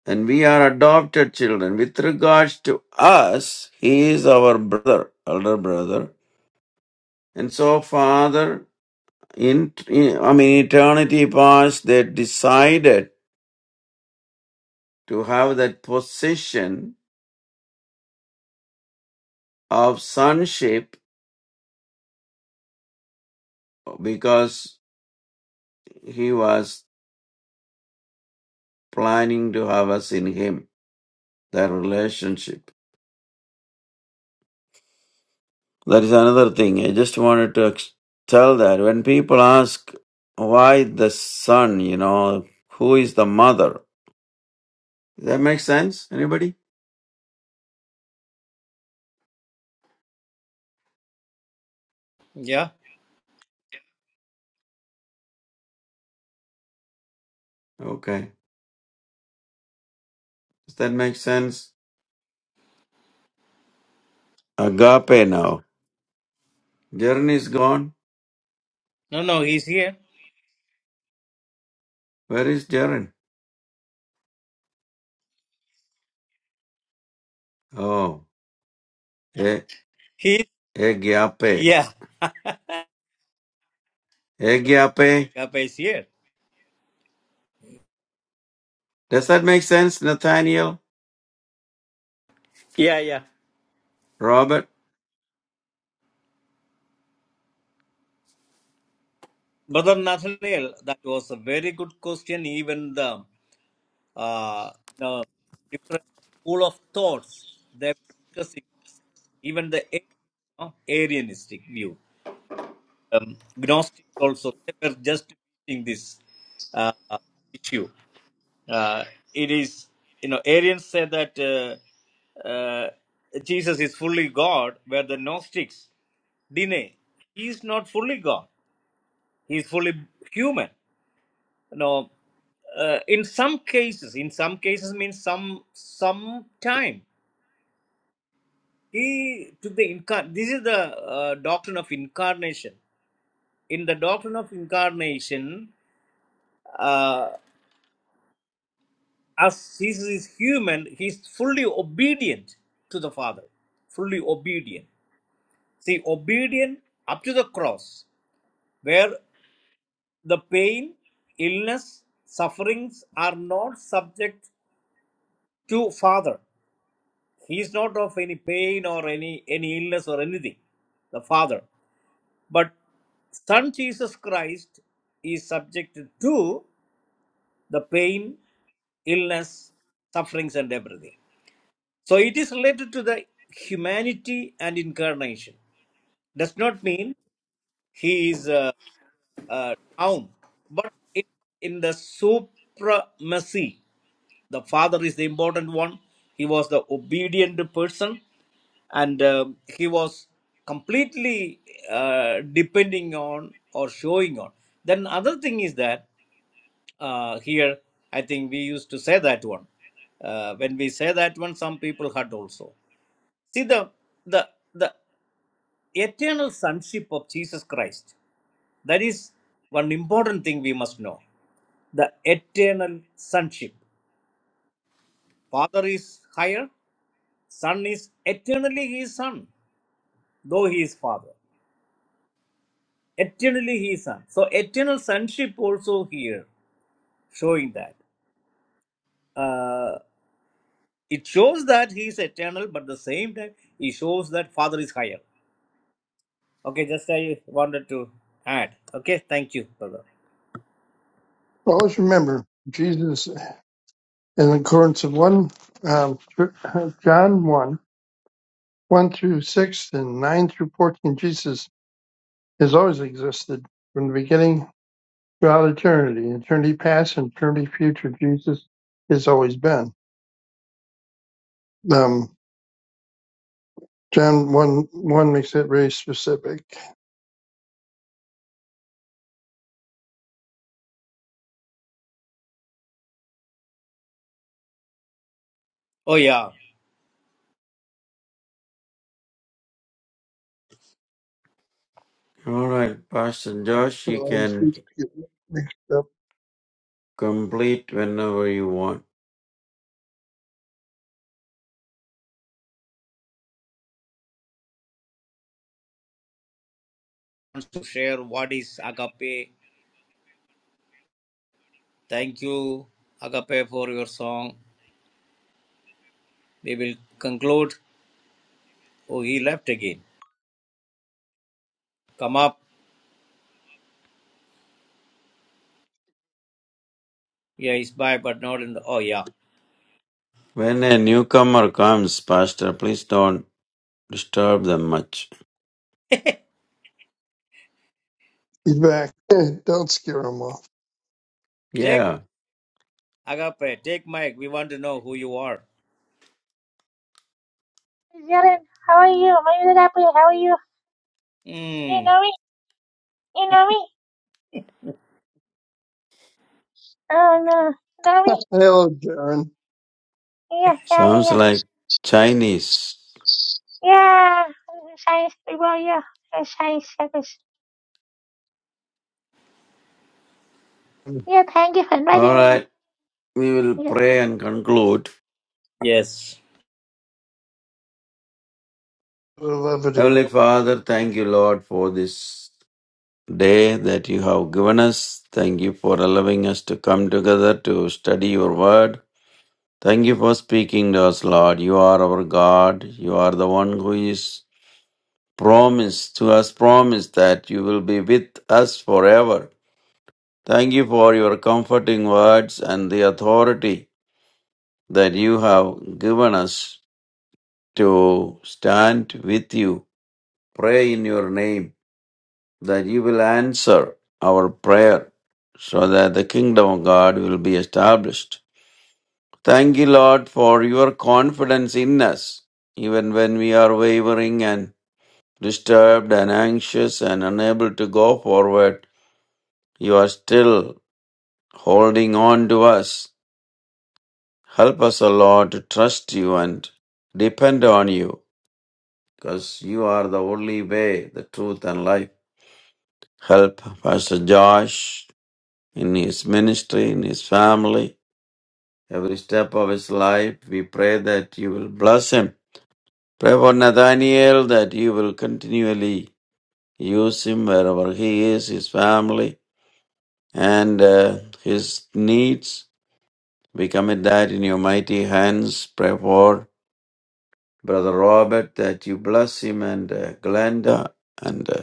Speaker 2: And we are adopted children. With regards to us, he is our brother, elder brother. And so, Father, in, in I mean, eternity past, they decided to have that position of sonship because he was planning to have us in him, that relationship. That is another thing. I just wanted to ex- tell that when people ask why the son, you know, who is the mother? Does that make sense? Anybody?
Speaker 3: Yeah.
Speaker 2: Okay. Does that make sense? Agape now. Jaren is gone.
Speaker 3: No, no, he's here.
Speaker 2: Where is Jaren? Oh, e-
Speaker 3: He,
Speaker 2: Agape.
Speaker 3: yeah,
Speaker 2: Agape.
Speaker 3: Kappa is here.
Speaker 2: Does that make sense, Nathaniel?
Speaker 5: Yeah, yeah.
Speaker 2: Robert?
Speaker 3: Brother Nathaniel, that was a very good question. Even the, uh, the different school of thoughts they were discussing, even the Arian, no, Arianistic view, um, Gnostics also, they were just discussing this uh, issue. Uh, it is, you know, Arians say that uh, uh, Jesus is fully God, where the Gnostics deny he is not fully God. he's fully human you know uh, in some cases in some cases means some some time he took the incar- this is the uh, doctrine of incarnation in the doctrine of incarnation uh, as jesus is human he's fully obedient to the father fully obedient see obedient up to the cross where the pain illness sufferings are not subject to father He is not of any pain or any, any illness or anything, the Father. But Son Jesus Christ is subject to the pain, illness, sufferings, and everything. So it is related to the humanity and incarnation. Does not mean he is uh, uh, down, but in, in the supremacy. The father is the important one. He was the obedient person, and uh, he was completely uh, depending on or showing on. Then other thing is that uh, here I think we used to say that one. Uh, when we say that one, some people hurt also. See the the the eternal sonship of Jesus Christ. That is one important thing we must know. The eternal sonship. Father is higher, Son is eternally his son, though he is father. Eternally he is son. So eternal sonship also here showing that. Uh, it shows that he is eternal, but the same time he shows that father is higher. Okay, just I wanted to add. Okay, thank you, brother.
Speaker 4: Always remember Jesus in accordance with one um, John one one through six and nine through fourteen. Jesus has always existed from the beginning throughout eternity. Eternity past and eternity future. Jesus has always been. Um, John one one makes it very specific.
Speaker 3: Oh yeah,
Speaker 2: All right, Pastor Josh,
Speaker 4: But I
Speaker 2: you
Speaker 4: always
Speaker 2: can
Speaker 4: get mixed up.
Speaker 2: complete whenever you want.
Speaker 3: wants to share what is agape. Thank you, agape, for your song. We will conclude. Oh, he left again. Come up. Yeah, he's by, but not in the. Oh yeah.
Speaker 2: When a newcomer comes, Pastor, please don't disturb them much.
Speaker 4: He's back. Eh, Don't scare him off.
Speaker 3: take.
Speaker 2: Yeah,
Speaker 3: Agape, take mic. We want to know who you are.
Speaker 1: Jalen, how are you? My little apple, how are you? Do You
Speaker 3: Mm,
Speaker 1: know me? You know me? Oh no, you know me?
Speaker 4: Hello, John.
Speaker 1: Yeah, yeah, yeah,
Speaker 2: sounds
Speaker 1: yeah.
Speaker 2: like Chinese.
Speaker 1: Yeah, science people, yeah, Uh, science service.
Speaker 4: The
Speaker 1: Yeah, thank you for
Speaker 2: All
Speaker 1: inviting me.
Speaker 2: right, we will
Speaker 1: Yes.
Speaker 2: pray and conclude.
Speaker 3: yes.
Speaker 4: levity.
Speaker 2: Heavenly Father, thank you, Lord, for this day that you have given us. Thank you for allowing us to come together to study your word. Thank you for speaking to us, Lord. You are our God. You are the one who is promised to us, promised that you will be with us forever. Thank you for your comforting words and the authority that you have given us to stand with you. Pray in your name that you will answer our prayer so that the kingdom of God will be established. Thank you, Lord, for your confidence in us, even when we are wavering and disturbed and anxious and unable to go forward. You are still holding on to us Help us, O Lord, to trust you and depend on you because you are the only way, the truth, and life. Help Pastor Josh in his ministry, in his family, every step of his life. We pray that you will bless him. Pray for Nathaniel that you will continually use him wherever he is, his family, and uh, his needs. We commit that in your mighty hands. Pray for Brother Robert, that you bless him and uh, Glenda and uh,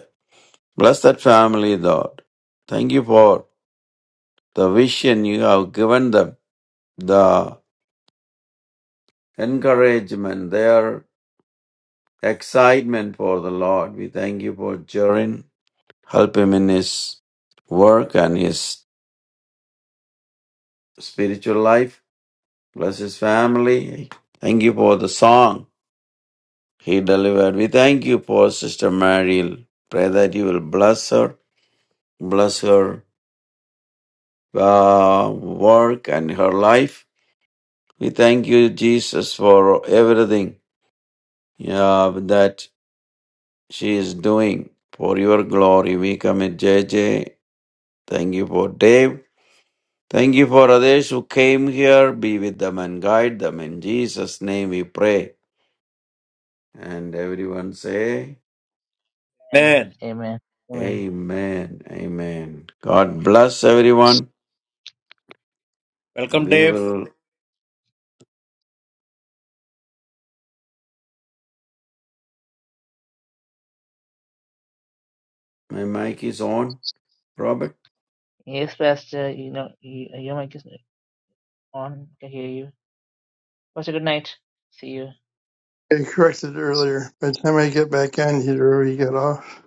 Speaker 2: bless that family, Lord. Thank you for the vision you have given them, the encouragement, their excitement for the Lord. We thank you for Jorin. Help him in his work and his spiritual life. Bless his family. Thank you for the song he delivered. We thank you for Sister Mary. Pray that you will bless her, bless her uh, work and her life. We thank you, Jesus, for everything uh, that she is doing for your glory. We commit J J. Thank you for Dave. Thank you for others who came here. Be with them and guide them. In Jesus' name we pray. And everyone say,
Speaker 1: Amen.
Speaker 3: Man,
Speaker 1: Amen. Amen.
Speaker 2: Amen. Amen. God bless everyone.
Speaker 3: welcome,
Speaker 2: We
Speaker 3: Dave.
Speaker 2: will. My mic is on. Robert?
Speaker 1: Yes, Pastor, you know, you, your mic is on. I can hear you. Pastor, good night. See you.
Speaker 4: I corrected earlier. By the time I get back on, he'd already get off.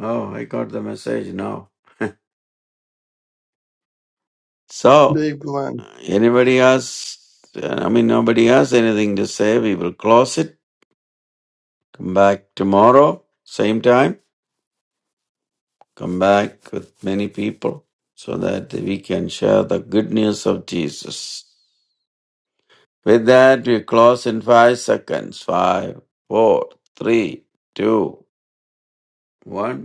Speaker 2: Oh, I got the message now. So
Speaker 4: Dave Glenn.
Speaker 2: Anybody else? Uh, I mean, nobody has anything to say. We will close it. Come back tomorrow, same time. Come back with many people so that we can share the good news of Jesus. With that, we close in five seconds. Five, four, three, two, one.